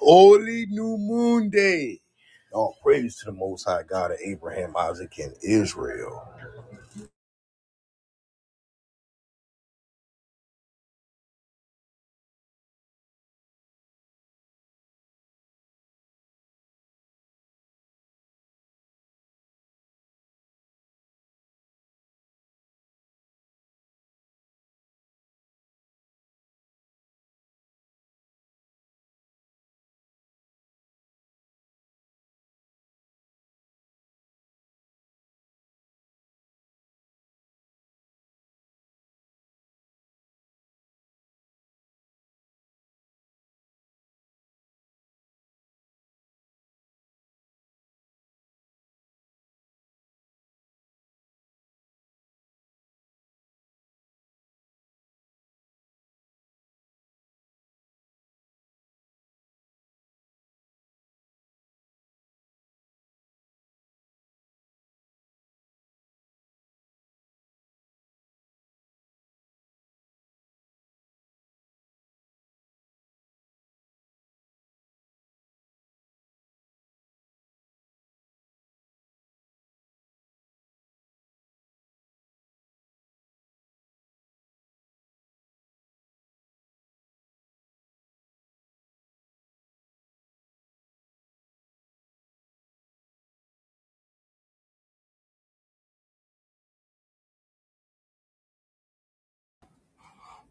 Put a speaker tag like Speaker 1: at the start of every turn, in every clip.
Speaker 1: Holy New Moon Day. All praise to the Most High God of Abraham, Isaac, and Israel.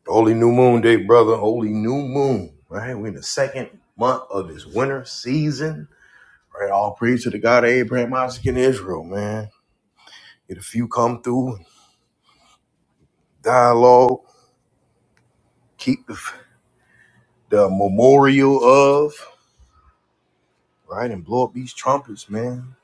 Speaker 1: Holy New Moon Day, brother. Holy New Moon. Right? We're in the second month of this winter season. Right? All praise to the God of Abraham, Isaac, and Israel, man. And a few come through, dialogue, keep the, the memorial of, right? And blow up these trumpets, man.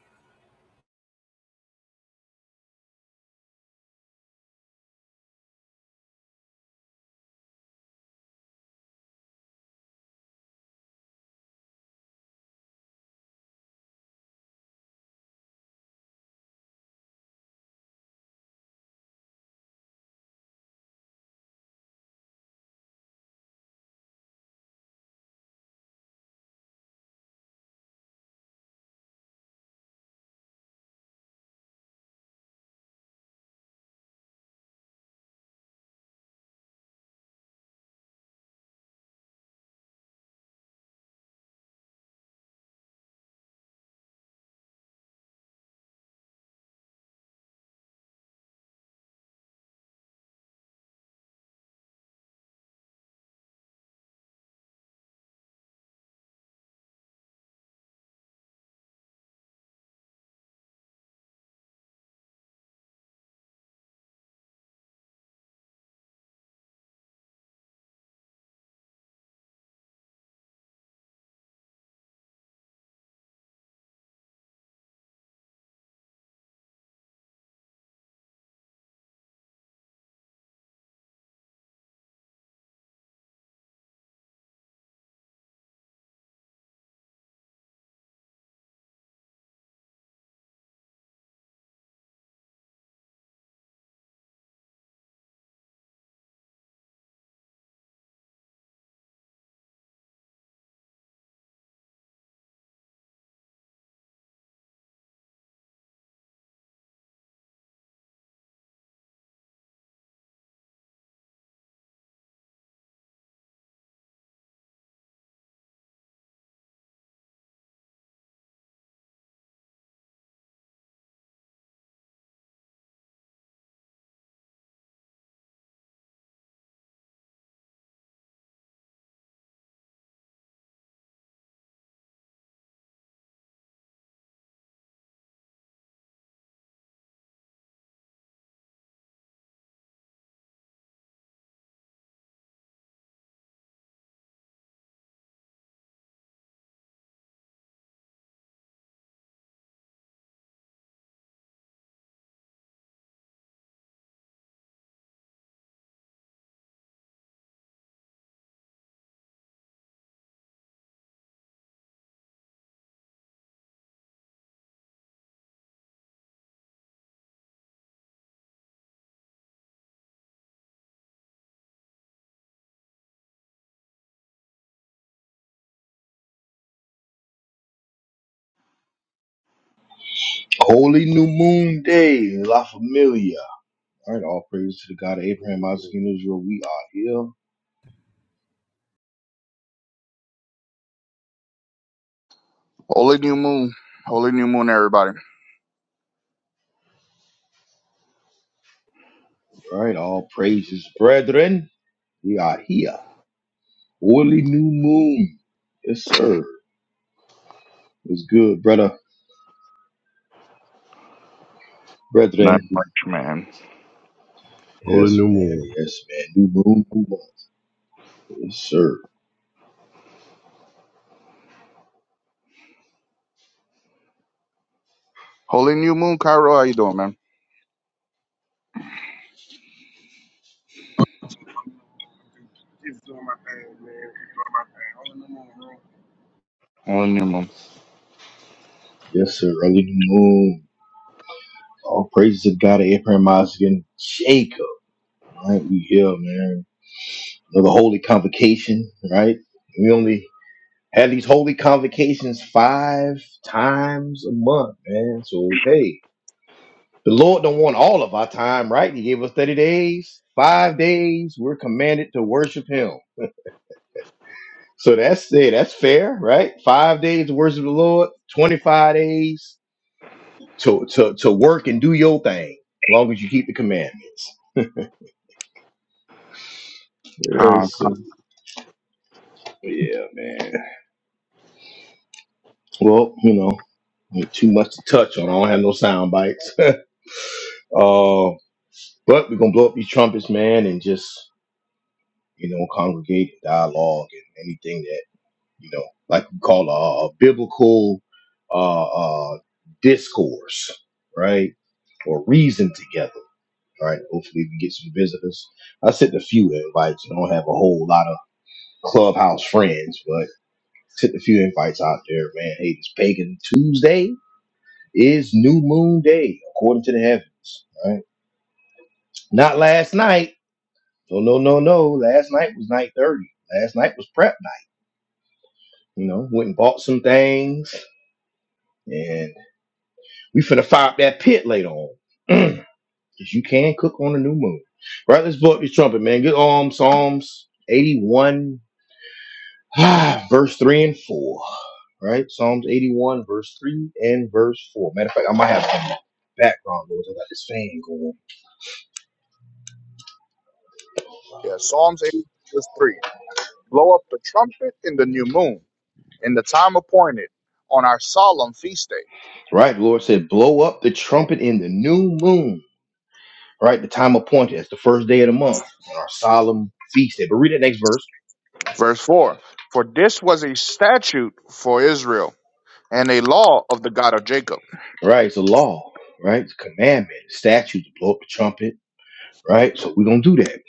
Speaker 1: Holy New Moon Day, La Familia. All right, all praise to the God of Abraham, Isaac, and Israel. We are here.
Speaker 2: Holy new moon. Holy new moon, everybody.
Speaker 1: All right, all praises, brethren. We are here. Holy new moon. Yes, sir. It's good, brother,
Speaker 2: Not
Speaker 1: brethren.
Speaker 2: much, man.
Speaker 3: Holy
Speaker 1: Yes,
Speaker 3: new
Speaker 1: man.
Speaker 3: moon.
Speaker 1: Yes, man. New moon, new month. Yes, sir.
Speaker 2: Holy new moon, Cairo. How you doing, man?
Speaker 4: Just doing my thing, man. Just doing my thing. Holding them on,
Speaker 2: Holy new moon.
Speaker 1: Yes, sir. Early new moon. All praises to God of Abraham, Isaac, and Jacob. All right, we here, man. Another holy convocation, right? We only had these holy convocations five times a month, man. So hey. The Lord don't want all of our time, right? He gave us 30 days, five days. We're commanded to worship him. So that's it. That's fair, right? Five days to worship the Lord, 25 days to, to, to work and do your thing, as long as you keep the commandments.
Speaker 2: Calm,
Speaker 1: Yes, sir.
Speaker 2: calm.
Speaker 1: Yeah, man. Well, you know, ain't too much to touch on. I don't have no sound bites. uh, but we're gonna blow up these trumpets, man, and just you know, congregate, dialogue, and anything that. you know, like you call a, a biblical uh, uh, discourse, right? Or reason together. All right. Hopefully we get some visitors. I sent a few invites. I don't have a whole lot of clubhouse friends, but sent a few invites out there, man. Hey, this pagan Tuesday is new moon day, according to the heavens. All right. Not last night. No, no, no, no. Last night was night 30. Last night was prep night. You know, went and bought some things and. We finna fire up that pit later on. Because you can cook on the new moon. Right, let's blow up your trumpet, man. Good um Psalms 81, verse 3 and 4. Right? Psalms 81, verse 3 and verse 4. Matter of fact, I might have some background noise. I got this fan going.
Speaker 2: Yeah, Psalms 8 verse 3. Blow up the trumpet in the new moon, in the time appointed, on our solemn feast day.
Speaker 1: Right, the Lord said, blow up the trumpet in the new moon. Right, the time appointed as the first day of the month on our solemn feast day. But read that next verse.
Speaker 2: Verse 4. For this was a statute for Israel and a law of the God of Jacob.
Speaker 1: Right, it's a law, right? It's a commandment, statute to blow up the trumpet right? So we're gonna do that.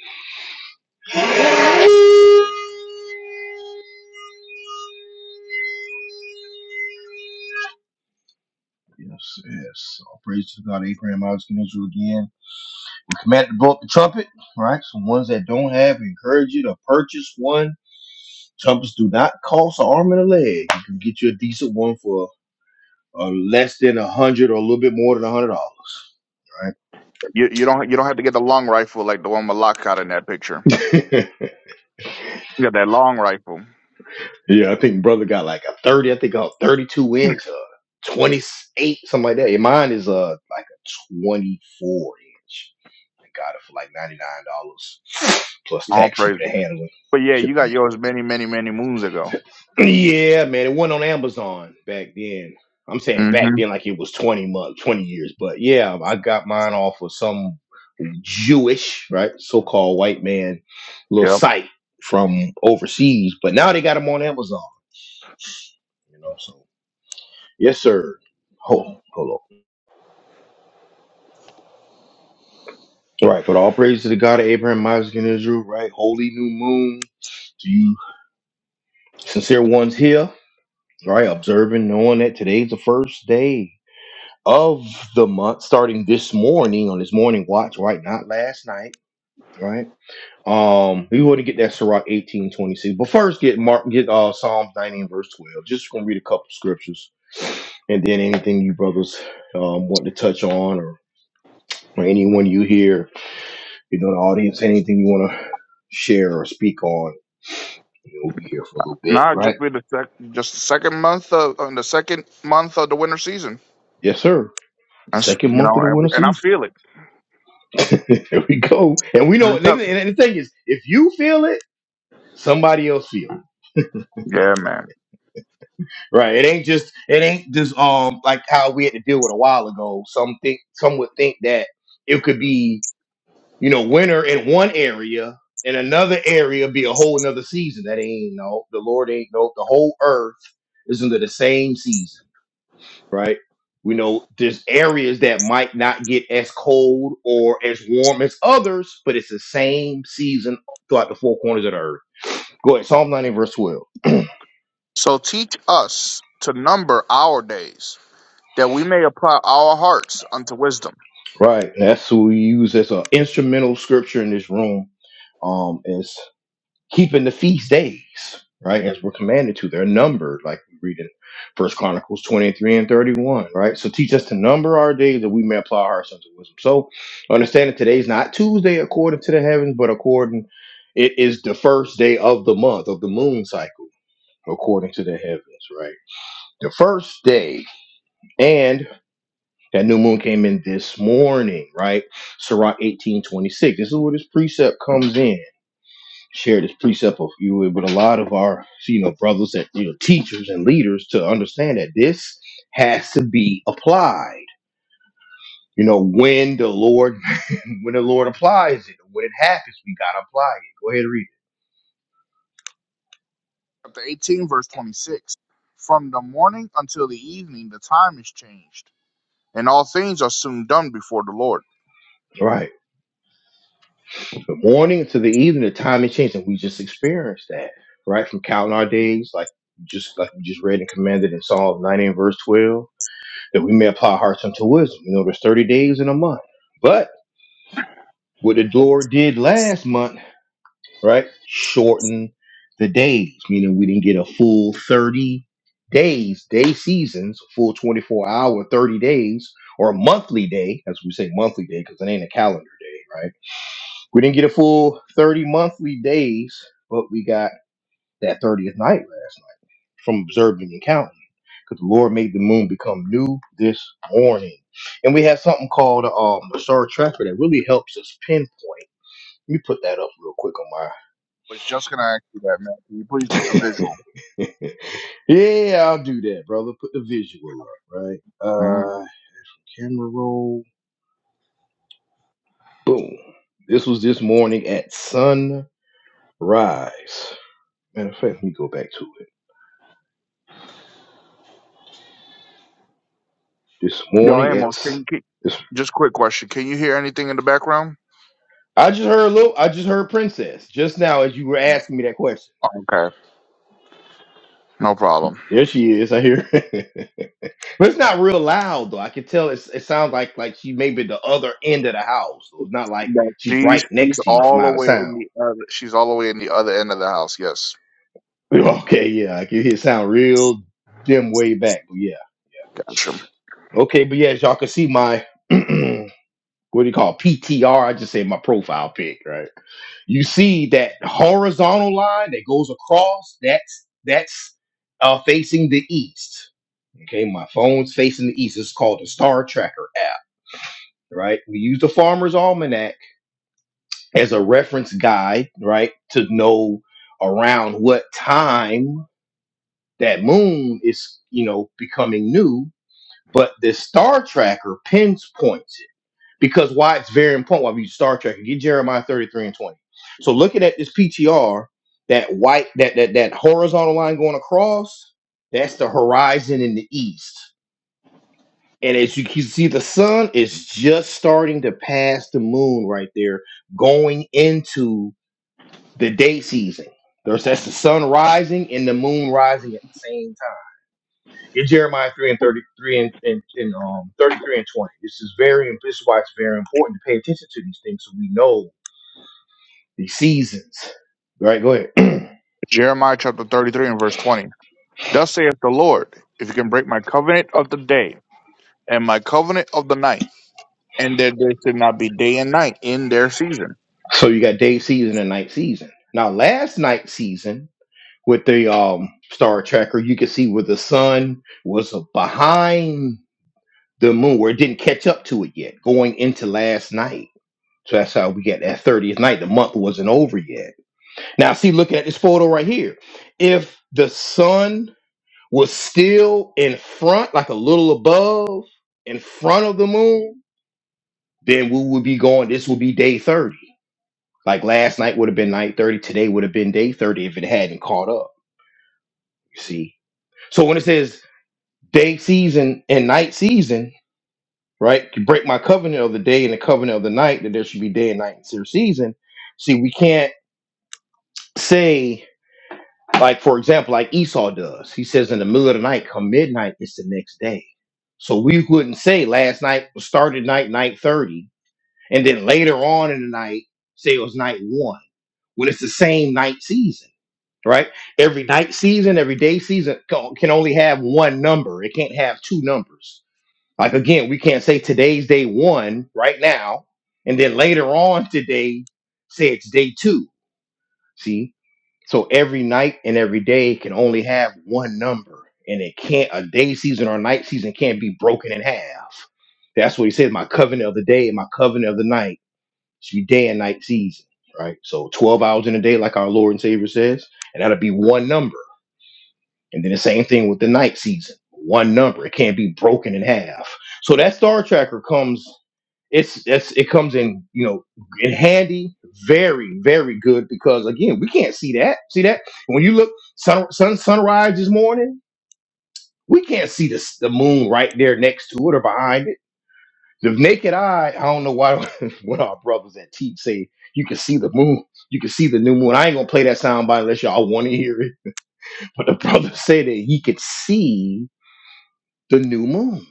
Speaker 1: Yes, yes. All praise to God, Abraham, Isaac, and Israel again. We command to blow up the trumpet, right? So ones that don't have, we encourage you to purchase one. Trumpets do not cost an arm and a leg. You can get you a decent one for uh, less than a hundred or a little bit more than a hundred dollars,
Speaker 2: You, you don't you don't have to get the long rifle like the one Malak got in that picture.
Speaker 1: right?
Speaker 2: You got that long rifle.
Speaker 1: yeah, I think brother got like a thirty. I think a thirty-two inch, uh, twenty-eight, something like that. And mine is uh like a twenty-four inch. and got it for like ninety nine dollars plus
Speaker 2: All
Speaker 1: tax, shipping
Speaker 2: praises.
Speaker 1: and handling.
Speaker 2: But yeah, you
Speaker 1: Shipping.
Speaker 2: got
Speaker 1: it.
Speaker 2: yours many, many, many moons ago.
Speaker 1: Yeah, man, it went on Amazon back then. I'm saying
Speaker 2: hmm.
Speaker 1: back then, like it was twenty months, twenty years. But yeah, I got mine off of some Jewish, right, so called white man little
Speaker 2: Yep.
Speaker 1: site from overseas. But now they got them on Amazon. You know, so yes, sir. Hold on, hold on. Right, but all praise to the God of Abraham, Isaac, and Israel. Right, holy new moon to you, sincere ones here. right? Observing, knowing that today's the first day of the month, starting this morning on this morning watch, right? Not last night, right? Um, we want to get that Sirach eighteen twenty six, but first get Mark get uh Psalms nineteen verse twelve. Just gonna read a couple scriptures, and then anything you brothers um want to touch on, or, or anyone you hear, you know, the audience, anything you want to share or speak on, you know, we'll be here for a little bit,
Speaker 2: Nah,
Speaker 1: right?
Speaker 2: just be the sec- just the second month of on the second month of the winter season.
Speaker 1: Yes, sir.
Speaker 2: That's
Speaker 1: Second
Speaker 2: you
Speaker 1: month
Speaker 2: know,
Speaker 1: of the
Speaker 2: and, we,
Speaker 1: winter
Speaker 2: and I
Speaker 1: season.
Speaker 2: feel it.
Speaker 1: there we go. And we know.
Speaker 2: Mhm.
Speaker 1: And the thing is, if you feel it, somebody else feel it.
Speaker 2: Yeah, man.
Speaker 1: Right? It ain't just. It ain't just. Um, like how we had to deal with a while ago. Some think. Some would think that it could be, you know, winter in one area, and another area be a whole another season. That ain't no. The Lord ain't no. The whole earth is under the same season. right? We know there's areas that might not get as cold or as warm as others, but it's the same season throughout the four corners of the earth. Go ahead, Psalm 90, verse 12.
Speaker 2: So teach us to number our days that we may apply our hearts unto wisdom.
Speaker 1: Right. That's who we use as an instrumental scripture in this room. Um, it's keeping the feast days, right? As we're commanded to. They're numbered, like we read in First Chronicles 23 and 31, right? So teach us to number our days that we may apply our sons of wisdom. So understand that today's not Tuesday according to the heavens, but according it is the first day of the month of the moon cycle, according to the heavens, right? The first day, and that new moon came in this morning, right? Sirach 18:26. This is where this precept comes in share this precept of you with a lot of our you know brothers and you know teachers and leaders to understand that this has to be applied. You know, when the Lord when the Lord applies it, when it happens, we gotta apply it. Go ahead and read
Speaker 2: Chapter 18, verse 26. From the morning until the evening, the time is changed, and all things are soon done before the Lord.
Speaker 1: it. Right. From morning to the evening, the time is changed, and we just experienced that, right? From counting our days, like just like we just read and commanded in Psalm 90 and verse 12, that we may apply our hearts unto wisdom. You know, there's 30 days in a month. But what the Lord did last month right? Shorten the days, meaning we didn't get a full 30 days, day seasons, full 24 hour, 30 days, or a monthly day, as we say monthly day, because it ain't a calendar day, right? We didn't get a full 30 monthly days, but we got that 30th night last night from observing and counting. Because the Lord made the moon become new this morning. And we have something called um, a star tracker that really helps us pinpoint. Let me put that up real quick on
Speaker 2: I was just gonna ask you that, man. Can you please put the
Speaker 1: my
Speaker 2: visual?
Speaker 1: yeah, I'll do that, brother. Put the visual up, right?
Speaker 2: Mhm.
Speaker 1: Uh, camera roll. Boom. This was this morning at sunrise. Matter of fact, let me go back to it. This
Speaker 2: Yo,
Speaker 1: morning at
Speaker 2: Amos,
Speaker 1: s-
Speaker 2: can you keep?
Speaker 1: this.
Speaker 2: Just quick question. Can you hear anything in the background?
Speaker 1: I just heard a little. I just heard Princess just now as you were asking me that question.
Speaker 2: Okay, no problem.
Speaker 1: There she is. I hear. But it's not real loud though. I can tell it's, it sounds like like she may be the other end of the house. So it's not like
Speaker 2: Yeah,
Speaker 1: she's
Speaker 2: she's
Speaker 1: right
Speaker 2: she's
Speaker 1: next to you from
Speaker 2: all the
Speaker 1: out of
Speaker 2: way
Speaker 1: sound.
Speaker 2: in the other. She's all the way in the other end of the house. Yes,
Speaker 1: Well, Okay, yeah, I can hear it sound real dim way back, but yeah.
Speaker 2: gotcha.
Speaker 1: Okay, but yeah, as y'all can see my what do you call it? PTR? I just say my profile pic, right? You see that horizontal line that goes across, that's that's uh facing the east. Okay, my phone's facing the east. It's called the Star Tracker app, right? We use the farmer's almanac as a reference guide, right, to know around what time that moon is, you know, becoming new but the star tracker pinpoints it because why it's very important why we use star tracker get jeremiah 33 and 20 so looking at this ptr that white that that, that horizontal line going across that's the horizon in the east and as you can see the sun is just starting to pass the moon right there going into the day season there's that's the sun rising and the moon rising at the same time Get Jeremiah three and thirty three and, and, and um thirty three and twenty. This is very this is why it's very important to pay attention to these things so we know the seasons. Right, go ahead.
Speaker 2: Jeremiah chapter thirty-three and verse twenty. Thus saith the Lord: If you can break my covenant of the day and my covenant of the night, and that there should not be day and night in their season.
Speaker 1: so you got day season and night season. Now last night season with the um star tracker, you could see where the sun was behind the moon, where it didn't catch up to it yet, going into last night. So that's how we get that 30th night. The month wasn't over yet. Now, see, looking at this photo right here, if the sun was still in front, like a little above, in front of the moon, then we would be going, this would be day 30. Like last night would have been night 30, today would have been day 30 if it hadn't caught up, you see. So when it says day season and night season, right, you break my covenant of the day and the covenant of the night, that there should be day and night in season. See, we can't say Like, for example, like Esau does. He says, in the middle of the night, come midnight, it's the next day. So we wouldn't say last night started night, night 30, and then later on in the night, say it was night one, when it's the same night season, right? Every night season, every day season co- can only have one number. It can't have two numbers. Like, again, we can't say today's day one right now, and then later on today, say it's day two. See, so every night and every day can only have one number, and it can't a day season or a night season can't be broken in half. That's what he says. My covenant of the day and my covenant of the night should be day and night season, right? So twelve hours in a day, like our Lord and Savior says, and that'll be one number and then the same thing with the night season. One number. It can't be broken in half. So that star tracker comes it's it's it comes in, you know, in handy, very, very good because again, we can't see that. See that? When you look sun, sun sunrise this morning, we can't see the, s- the moon right there next to it or behind it. The naked eye, I don't know why what our brothers at Teach say you can see the moon, you can see the new moon. I ain't gonna play that sound by unless y'all want to hear it. But the brothers say that he could see the new moon.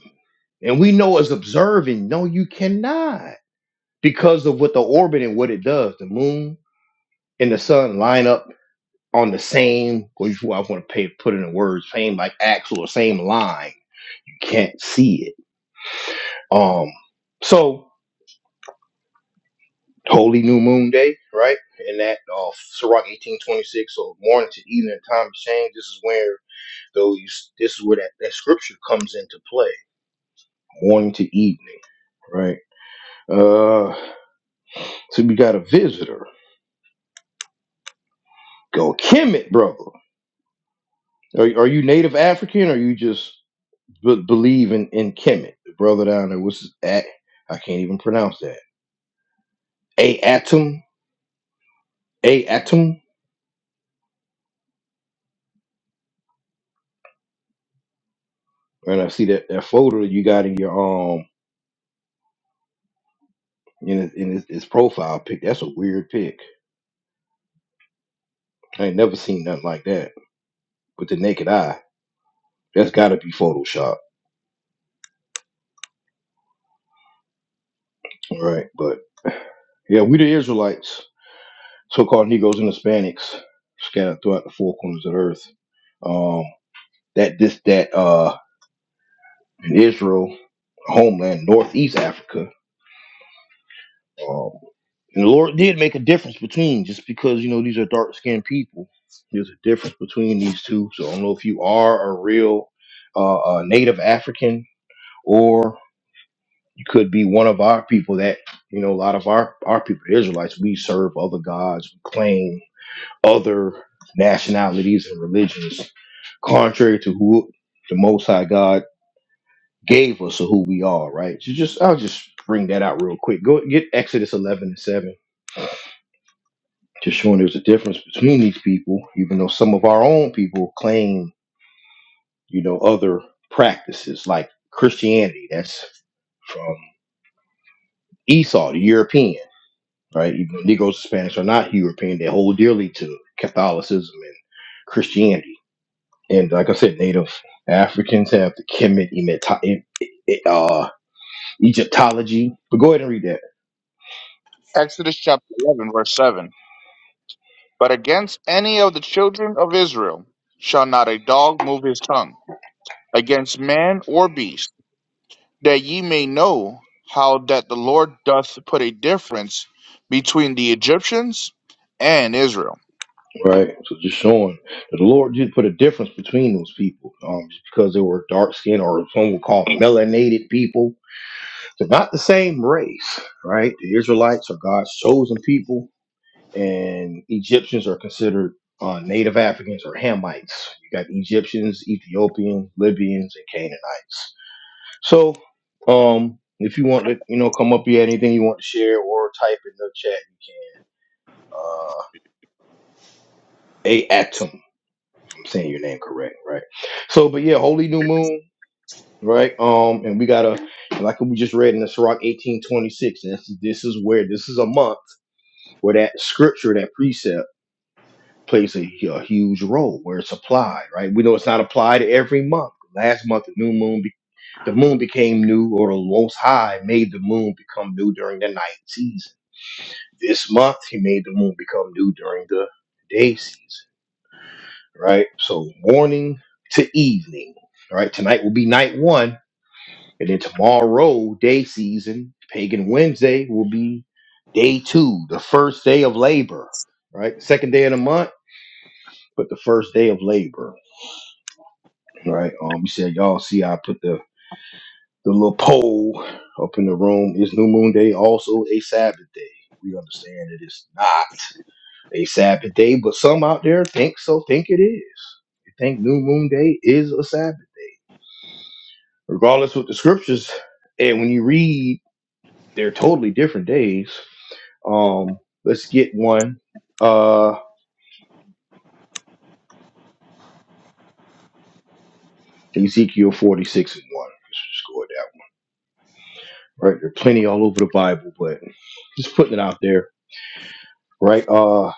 Speaker 1: And we know as observing, no, you cannot because of what the orbit and what it does. The moon and the sun line up on the same, or if I want to pay, put it in words, same like axle or same line. You can't see it. Um, so holy new moon day, right? And that uh Sirach 1826, so morning to evening time of change. This is where those this is where that, that scripture comes into play. Morning to evening, right? Uh. So we got a visitor. Go Kemet, brother. Are, are you native African or you just b- believe in, in Kemet? The brother down there, what's his at? I can't even pronounce that. A Atom? A Atom? And I see that, that photo that you got in your um in his, in his, his profile pic. That's a weird pic. I ain't never seen nothing like that with the naked eye. That's got to be Photoshop, right? But yeah, we the Israelites, so-called Negroes and Hispanics, scattered throughout the four corners of the earth. Um, that this that uh in Israel homeland, Northeast Africa. Um, and the Lord did make a difference between just because you know these are dark skinned people. There's a difference between these two. So I don't know if you are a real uh, uh, Native African or you could be one of our people that you know a lot of our our people the Israelites we serve other gods, we claim other nationalities and religions, contrary to who the Most High God gave us of who we are, right? So just I'll just bring that out real quick. Go get Exodus eleven and seven, just showing there's a difference between these people, even though some of our own people claim, you know, other practices like Christianity. That's from Esau, the European, right? Even though Negroes and Spanish are not European, they hold dearly to Catholicism and Christianity. And like I said, Native Africans have the Kemet Emet- uh, Egyptology. But go ahead and read that.
Speaker 2: Exodus chapter eleven verse seven. But against any of the children of Israel shall not a dog move his tongue against man or beast that ye may know how that the Lord doth put a difference between the Egyptians and Israel.
Speaker 1: Right. So just showing that the Lord did put a difference between those people. Um, just because they were dark skinned or some would call melanated people. They're not the same race, right? The Israelites are God's chosen people, and Egyptians are considered uh, native Africans or Hamites. You got Egyptians, Ethiopians, Libyans, and Canaanites. So um if you want to, you know, come up here, anything you want to share or type in the chat, you can. Uh, Atom. I'm saying your name correct, right? So, but yeah, holy new moon, right? Um, and we gotta like we just read in the Sirach 1826, and this, this is where this is a month where that scripture, that precept, plays a, a huge role where it's applied, right? We know it's not applied every month. Last month, the new moon, be- the moon became new, or the Most High made the moon become new during the night season. This month, He made the moon become new during the day season. right? So morning to evening, right? Tonight will be night one, and then tomorrow, day season, pagan Wednesday will be day two, the first day of labor, right? Second day of the month, but the first day of labor, right? Um, you said y'all see I put the the little poll up in the room. Is New Moon Day also a Sabbath day? We understand it is not a Sabbath day, but some out there think so, think it is. They think New Moon Day is a Sabbath. regardless with the scriptures and when you read they're totally different days um let's get one uh ezekiel 46 and 1 let's just go with that one right there are plenty all over the bible but just putting it out there right uh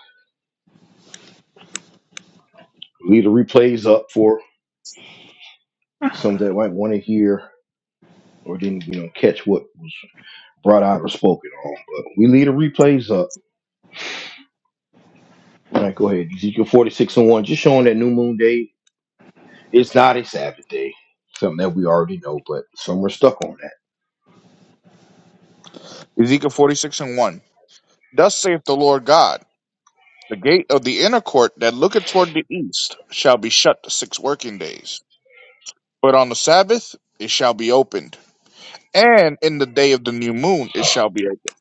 Speaker 1: leave the replays up for some that might want to hear or didn't you know catch what was brought out or spoken on but we leave the replays up all right go ahead ezekiel 46 and 1 just showing that new moon day It's not a Sabbath day. Something that we already know, but some are stuck on that.
Speaker 2: Ezekiel 46 and 1. Thus saith the Lord God, the gate of the inner court that looketh toward the east shall be shut six working days, but on the Sabbath it shall be opened, and in the day of the new moon it shall be opened.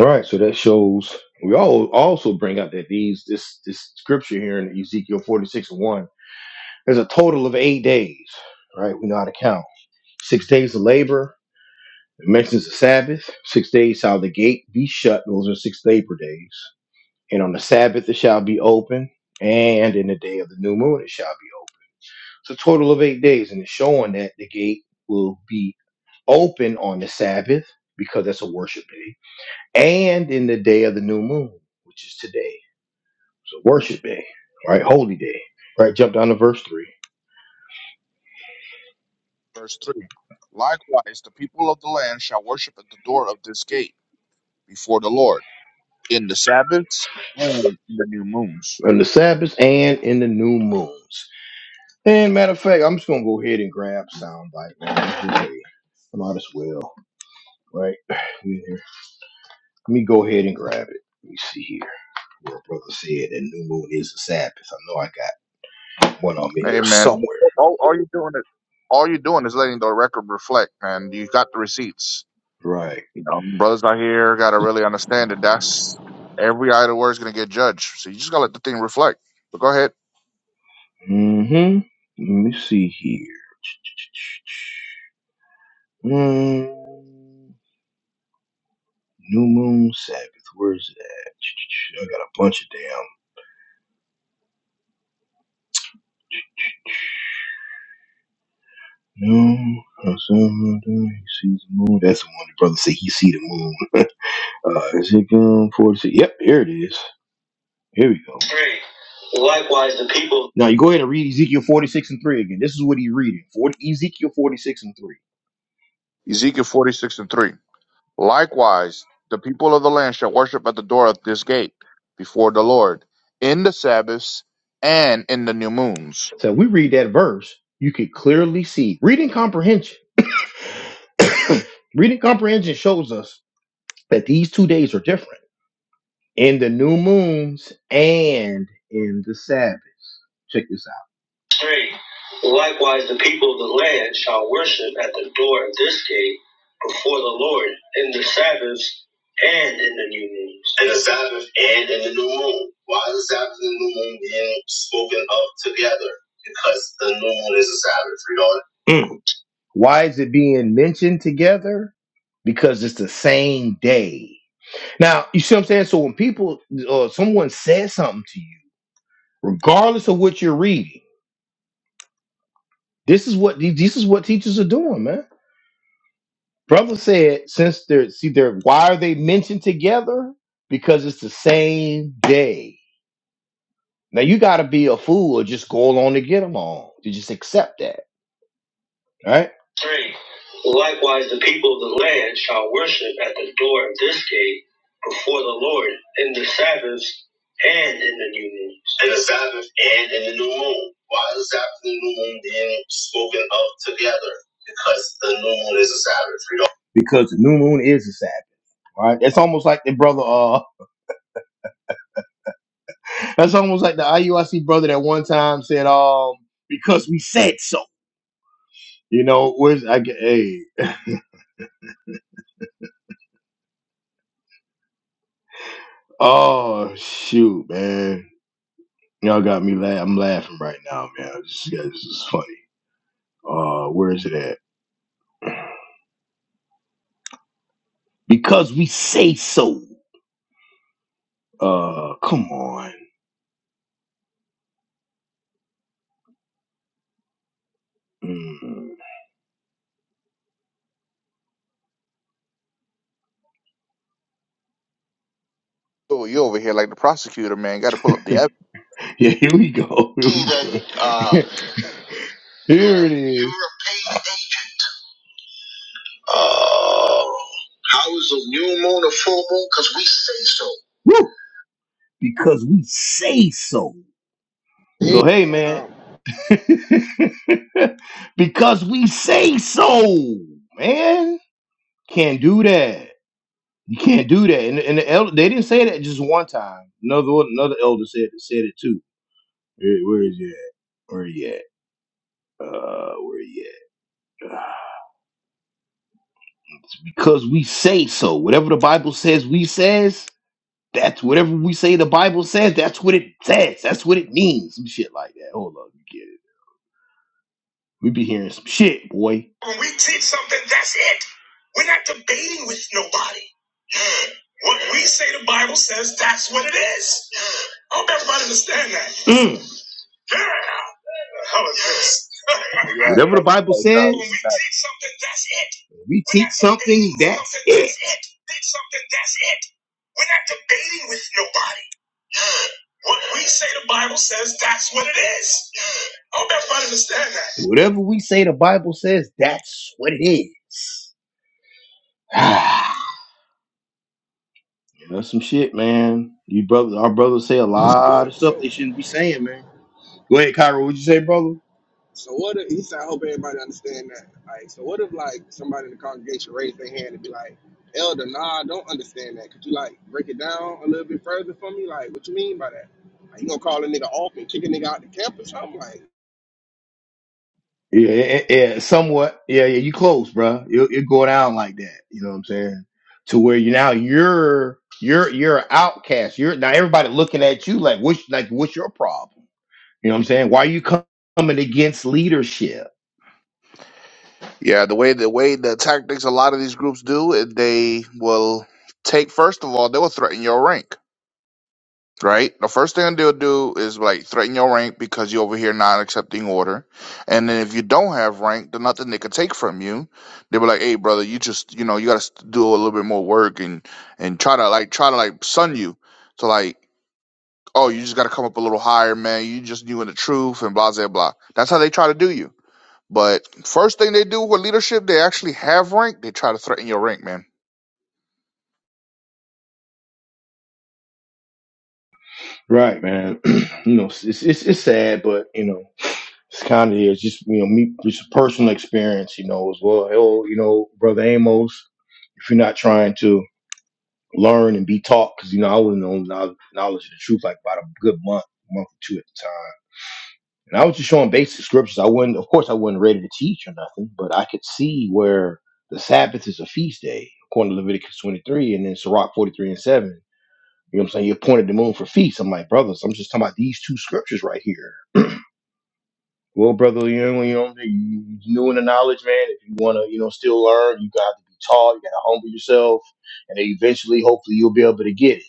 Speaker 1: All right, so that shows we all also bring up that these this this scripture here in Ezekiel 46 and 1, there's a total of eight days, right? We know how to count. Six days of labor, it mentions the Sabbath, six days shall the gate be shut, those are six labor days. And on the Sabbath it shall be open, and in the day of the new moon it shall be open. It's a total of eight days, and it's showing that the gate will be open on the Sabbath because that's a worship day, and in the day of the new moon, which is today. So worship day, right? Holy day, right? Jump down to verse three.
Speaker 2: Verse 3. Likewise, the people of the land shall worship at the door of this gate before the Lord in the Sabbaths and in the new moons.
Speaker 1: On the Sabbath and in the new moons. And matter of fact, I'm just gonna go ahead and grab soundbite. Man. I might as well, right? We in here. Let me go ahead and grab it. Let me see here. Where brother said that new moon is the Sabbath. I know I got one of them in
Speaker 2: Hey
Speaker 1: here
Speaker 2: man,
Speaker 1: somewhere.
Speaker 2: all, all you're doing is all you're doing is letting the record reflect, man. You got the receipts.
Speaker 1: Right.
Speaker 2: You know, brothers out here gotta really understand that that's every idle word's gonna get judged. So you just gotta let the thing reflect. But go ahead.
Speaker 1: Mm-hmm. Let me see here. Mm, new moon Sabbath. Where's that? I got a bunch of damn. No, on Sunday he sees the moon. That's the one the brother said he see the moon. uh, Ezekiel 46. Yep, here it is. Here we go. Three. Likewise, the people. Now you go ahead and read Ezekiel 46 and 3 again. This is what he reading. 40, Ezekiel 46 and 3.
Speaker 2: Ezekiel forty six and three. Likewise, the people of the land shall worship at the door of this gate before the Lord in the Sabbaths and in the new moons.
Speaker 1: So if we read that verse, you could clearly see reading comprehension. reading comprehension shows us that these two days are different in the new moons and in the Sabbaths. Check this out. Three. Likewise, the people of the land shall worship at the door of this gate before the Lord in the Sabbaths and in the new moons. In the Sabbath and in the new moon. Why is the Sabbath and the new moon being spoken of together? Because the new moon is a Sabbath. Read on. Mm. Why is it being mentioned together? Because it's the same day now, you see what I'm saying? So when people or someone says something to you, regardless of what you're reading, this is what this is what teachers are doing, man. Brother said, since they're see they're why are they mentioned together? Because it's the same day. Now you gotta be a fool or just go along to get along to just accept that. All Right? 3. Likewise, the people of the land shall worship at the door of this gate before the Lord in the Sabbaths and in the new moons. In the Sabbath and in the new moon. Why is the Sabbath and the new moon being spoken of together? Because the new moon is a Sabbath. We do Because the new moon is a Sabbath. All Right? That's almost like the brother. Uh, that's almost like the IUIC brother that one time said, "Um, because we said so." You know, where's I get? Hey, oh shoot, man. Y'all got me la I'm laughing right now, man. This, yeah, this is funny. Uh, where is it at? Because we say so. Uh, come on. Mm.
Speaker 2: So you over here like the prosecutor, man. Got to pull up the evidence.
Speaker 1: yeah, here we go. Here we go. uh, here it is. You were paid eight. Oh, how is a new moon a full moon? Because we say so. Woo! Because we say so.
Speaker 4: bro.
Speaker 1: So hey, man.
Speaker 4: Yeah.
Speaker 1: because we say so, man. Can't do that. You can't do that. And, and the elder, they didn't say that just one time. Another one- another elder said said it too. Where, where is you at? Where you at? Uh, where you at? Uh, Because we say so. Whatever the Bible says, we says. That's whatever we say. The Bible says. That's what it says. That's what it means. Some shit like that. Hold up, you get it? We be hearing some shit, boy. When we teach something, that's it. We're not debating with nobody. What we say the Bible says, that's what it is. I hope everybody understand that.
Speaker 2: Yeah,
Speaker 1: Whatever the
Speaker 2: yeah,
Speaker 1: Bible
Speaker 2: yeah,
Speaker 1: says, When we
Speaker 2: sorry.
Speaker 1: teach something, that's it. we teach something, that's it. Teach something, that's it. We're not debating with nobody. What we say the Bible says, that's what it is. I hope everybody understand that. Whatever we say the Bible says, that's what it is. Ah, That's some shit, man. You brothers, our brothers say a lot of
Speaker 4: What?
Speaker 1: stuff
Speaker 4: So,
Speaker 1: they shouldn't be saying, man. Go ahead, Cairo. What'd you say, brother?
Speaker 4: so what? If, he said, I hope everybody understand that. Like, so what if like somebody in the congregation raised their hand and be like, Elder, nah, I don't understand that. Could you like break it down a little bit further for me? Like, what you mean by that? Like, you gonna call a nigga off and kick a nigga out the campus? I'm like,
Speaker 1: Yeah, yeah, yeah, yeah, somewhat. Yeah, yeah, you close, bruh. It it go down like that. You know what I'm saying? To where you now you're you're you're an outcast. You're now everybody looking at you like what's like what's your problem? You know what I'm saying? Why you com- coming against leadership?
Speaker 2: Yeah, the way the way the tactics a lot of these groups do, is they will take first of all, they will threaten your rank, right? The first thing they'll do is like threaten your rank because you're over here not accepting order, and then if you don't have rank, there's nothing they could take from you. They were like, "Hey, brother, you just you know you got to do a little bit more work and and try to like try to like sun you to like." Oh, you just got to come up a little higher, man. You just knew in the truth and blah, blah, blah. That's how they try to do you but first thing they do with leadership, they actually have rank. They try to threaten your rank, man.
Speaker 1: Right, man. you know, it's, it's it's it's sad, but you know, it's kind of is just you know me just personal experience. You know as well. Oh, you know, brother Amos, if you're not trying to. learn and be taught because you know I wasn't on knowl- knowledge of the truth like about a good month, month or two at the time. And I was just showing basic scriptures. I wasn't, of course, I wasn't ready to teach or nothing, but I could see where the Sabbath is a feast day according to Leviticus 23 and then Sirach 43 and 7. You know what I'm saying? You appointed the moon for feasts. I'm like, brothers, I'm just talking about these two scriptures right here. Well, brother, you know, you know, you new in the knowledge, man. If you want to, you know, still learn, you got to be taught. You got to humble yourself, and then eventually, hopefully, you'll be able to get it.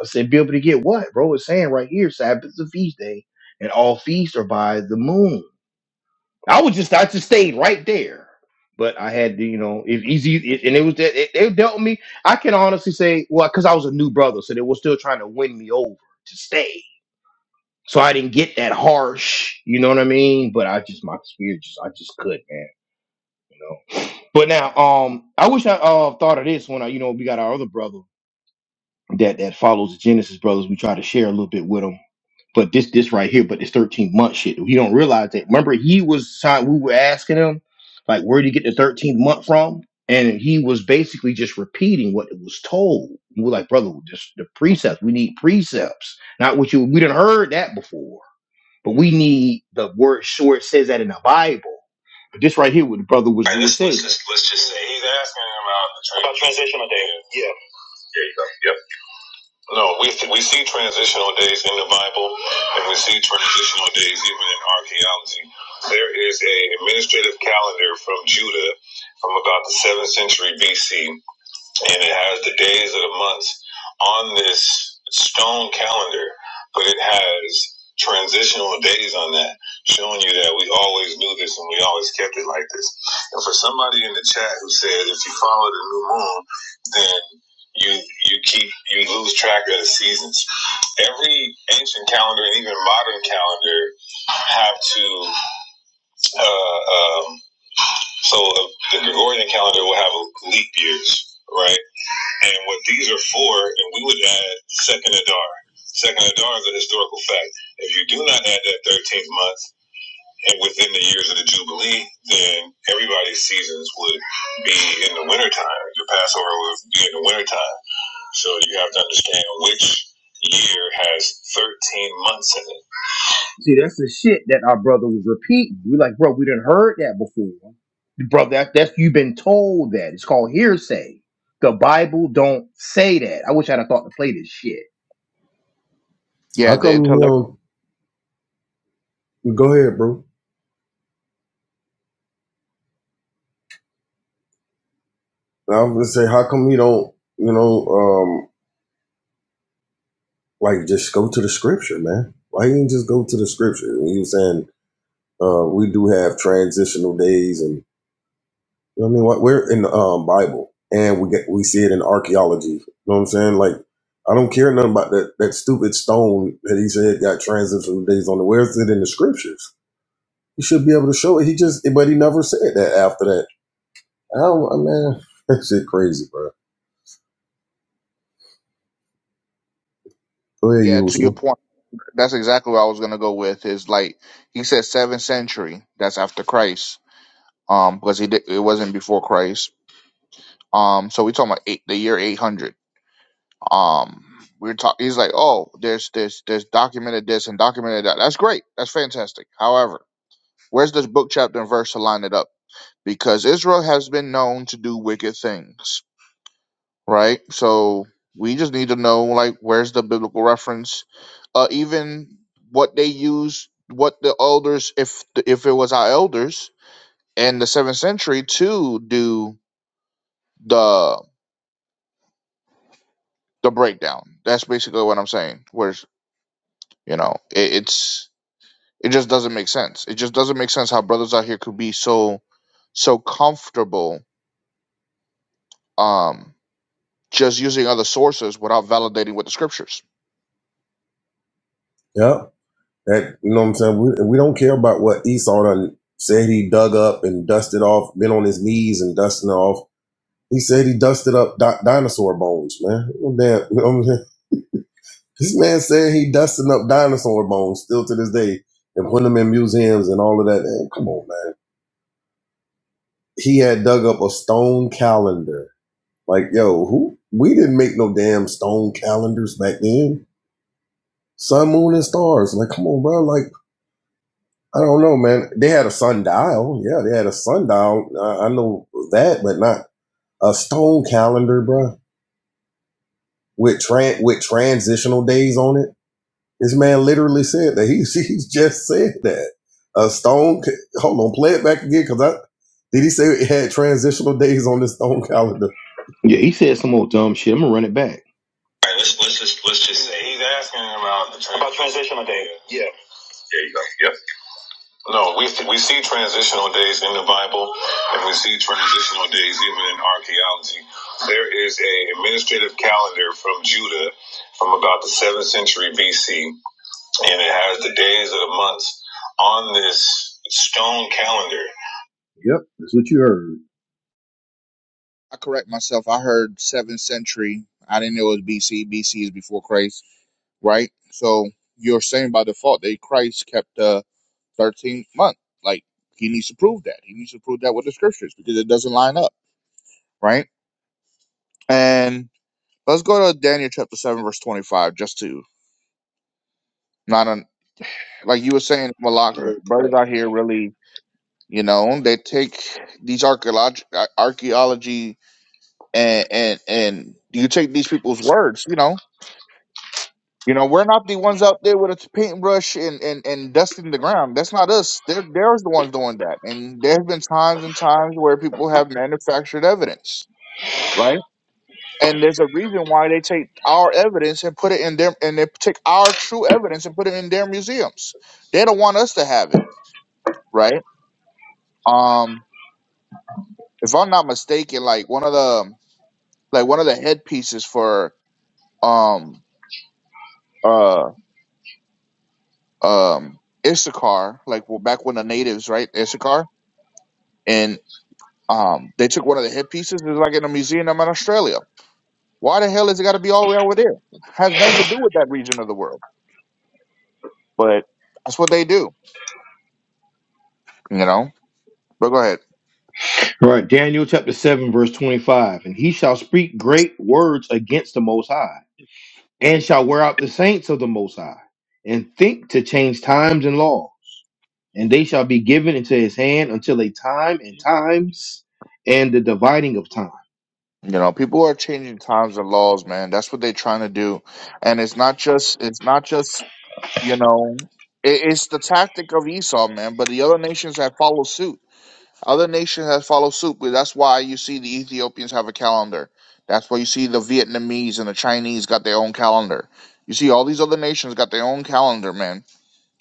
Speaker 1: I said, be able to get what, bro? It's saying right here, Sabbath is a feast day, and all feasts are by the moon. I was just, I just stayed right there. But I had to, you know, if easy, it, and it was that it, it dealt me. I can honestly say, well, because I was a new brother, so they were still trying to win me over to stay. So I didn't get that harsh, you know what I mean? But I just, my spirit just, I just could, man, you know. But now, um, I wish I uh, thought of this when I, you know, we got our other brother that that follows the Genesis brothers. We try to share a little bit with them But this this right here, but this 13 month shit, he don't realize that. Remember, he was signed, we were asking him, like, where'd you get the 13th month from? And he was basically just repeating what it was told. We were like, brother, just the precepts. We need precepts. Not what you we didn't heard that before. But we need the word sure it says that in the Bible. But this right here, what the brother was Right, let's, let's saying. just let's just say he's asking about the trans- about transitional day. Yeah. There you go. Yep. No, we we see transitional days in the Bible, and we see transitional days even in archaeology. There is a administrative calendar from Judah from about the seventh century BC and it has the days of the months on this stone calendar, but it has transitional days on that, showing you that we always knew this and we always kept it like this. And for somebody in the chat who said if you follow the new moon, then you you keep you lose track of the seasons. Every ancient calendar and even modern calendar have to uh, um, so uh, the Gregorian calendar will have leap years, right? And what these are for, and we would add second Adar. Second Adar is a historical fact. If you do not add that 13th month and within the years of the Jubilee, then everybody's seasons would be in the wintertime. Your Passover would be in the wintertime. So you have to understand which year has 13 months in it See, that's the shit that our brother was repeating. We like, bro, we didn't heard that before. Bro, that that's you've been told that. It's called hearsay. The Bible don't say that. I wish I'd have thought to play this shit.
Speaker 3: How
Speaker 2: Yeah, the
Speaker 3: come he
Speaker 2: intellect.
Speaker 3: don't go ahead, bro? I was gonna say, how come he don't, you know, um, like just go to the scripture, man? Why he didn't just go to the scripture? He was saying, uh, we do have transitional days, and you know what I mean. What we're in the um, Bible, and we get we see it in archaeology. You know what I'm saying? Like, I don't care nothing about that that stupid stone that he said got transitional days on it. Where's it in the scriptures? He should be able to show it. He just, but he never said that after that I don't, I man, that shit crazy, bro. Go ahead,
Speaker 2: Yeah, to your
Speaker 3: usual.
Speaker 2: point, that's exactly what I was gonna go with. Is like he said, seventh century. That's after Christ. Um, because he did, it wasn't before Christ. Um, so we talking about eight, the year eight hundred. Um, we are talking. He's like, oh, there's there's there's documented this and documented that. That's great. That's fantastic. However, where's this book chapter and verse to line it up? Because Israel has been known to do wicked things right? So we just need to know like where's the biblical reference, uh, even what they use, what the elders, if the, if it was our elders in the seventh century to do the the breakdown. That's basically what I'm saying. Where's you know it, it's it just doesn't make sense. It just doesn't make sense how brothers out here could be so so comfortable um just using other sources without validating with the scriptures.
Speaker 3: Yeah, That you know what I'm saying. We, we don't care about what Esau done said. He dug up and dusted off, been on his knees and dusting off. He said he dusted up di- dinosaur bones, man. Damn, you know what I'm saying? This man said he dusting up dinosaur bones still to this day and putting them in museums and all of that. Man, come on, man. He had dug up a stone calendar. Like, yo, who? We didn't make no damn stone calendars back then. Sun, moon, and stars. Like, come on, bro. Like, I don't know, man. They had a sundial. Yeah, they had a sundial. I, I know that, but not a stone calendar, bro. With tran with transitional days on it. This man literally said that. He he just said that a stone. ca- Hold on, play it back again, cause I did he say it had transitional days on this stone calendar?
Speaker 1: Yeah, he said some old dumb shit. I'm gonna run it back. All right, let's let's just let's just say he's asking about the trans- about transitional day. Yeah. There you go. No, we we see transitional days in the Bible, and we see transitional days even in archaeology. There is a administrative calendar from Judah from about the seventh century BC, and it has the days of the months on this stone calendar. Yep, that's what you heard.
Speaker 2: I correct myself. I heard seventh century. I didn't know it was BC. BC is before Christ, right? So you're saying by default that Christ kept the thirteenth month. Like he needs to prove that. He needs to prove that with the scriptures because it doesn't line up, right? And let's go to Daniel chapter seven verse twenty five, just to not un- like you were saying, Malak.
Speaker 1: Right.
Speaker 2: The brothers out here really, you know, they take these archaeology, archaeology, and and and you take these people's words, you know You know, we're not the ones out there with a paintbrush and, and, and dusting the ground. That's not us. They're, they're the ones doing that. And there have been times and times where people have manufactured evidence, right? And there's a reason why they take our evidence and put it in their, and they take our true evidence and put it in their museums. They don't want us to have it, right? Um, if I'm not mistaken, like one of the, like one of the headpieces for, um, uh, um, Issachar, like well, back when the natives, right, Issachar. Um, they took one of the hit pieces. It's like in a museum in Australia. Why the hell is it got to be all the way over there? Has nothing to do with that region of the world. But that's what they do, you know. But go ahead.
Speaker 1: All right, Daniel chapter 7, verse 25. And he shall speak great words against the Most High, and shall wear out the saints of the Most High, and think to change times and law. and they shall be given into his hand until a time and times and the dividing of time.
Speaker 2: You know, people are changing times and laws, man. That's what they're trying to do, and it's not just it's not just you know, it, it's the tactic of Esau, man. But the other nations have followed suit Other nations have followed suit, but that's why you see the Ethiopians have a calendar. That's why you see the Vietnamese and the Chinese got their own calendar. You see all these other nations got their own calendar, man.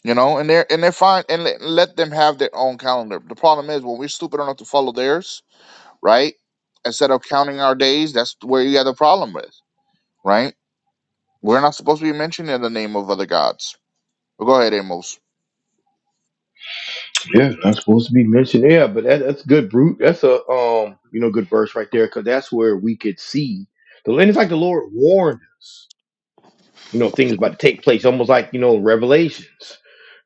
Speaker 2: You know, and they're and they're fine, and let, let them have their own calendar. The problem is when we're stupid enough to follow theirs, right? Instead of counting our days, that's where you have the problem with, right? We're not supposed to be mentioning the name of other gods. But go ahead, Amos.
Speaker 1: Yeah, not supposed to be mentioned. Yeah, but that, that's good. Brute. That's a um, you know, good verse right there because that's where we could see the. And it's like the Lord warned us. You know, things about to take place, almost like you know revelations.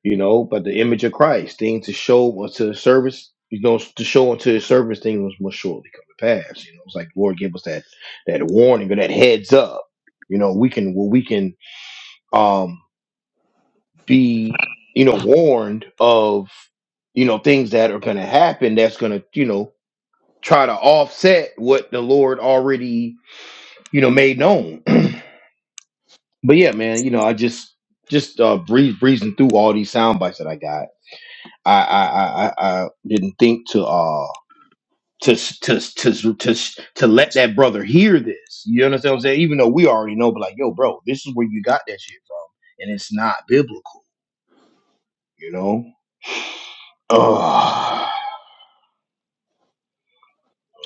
Speaker 1: You know, but the image of Christ, things to show unto the service. You know, to show unto his service, things must surely come to pass. You know, it's like the Lord give us that that warning or that heads up. You know, we can well, we can um, be you know warned of you know things that are going to happen that's going to you know try to offset what the lord already you know made known but yeah man you know i just just uh breeze breezing through all these sound bites that i got i i i, I I didn't think to uh to, to to to to let that brother hear this, you understand what I'm saying? Even though we already know, but like, yo, bro, this is where you got that shit from, and it's not biblical, you know? Oh,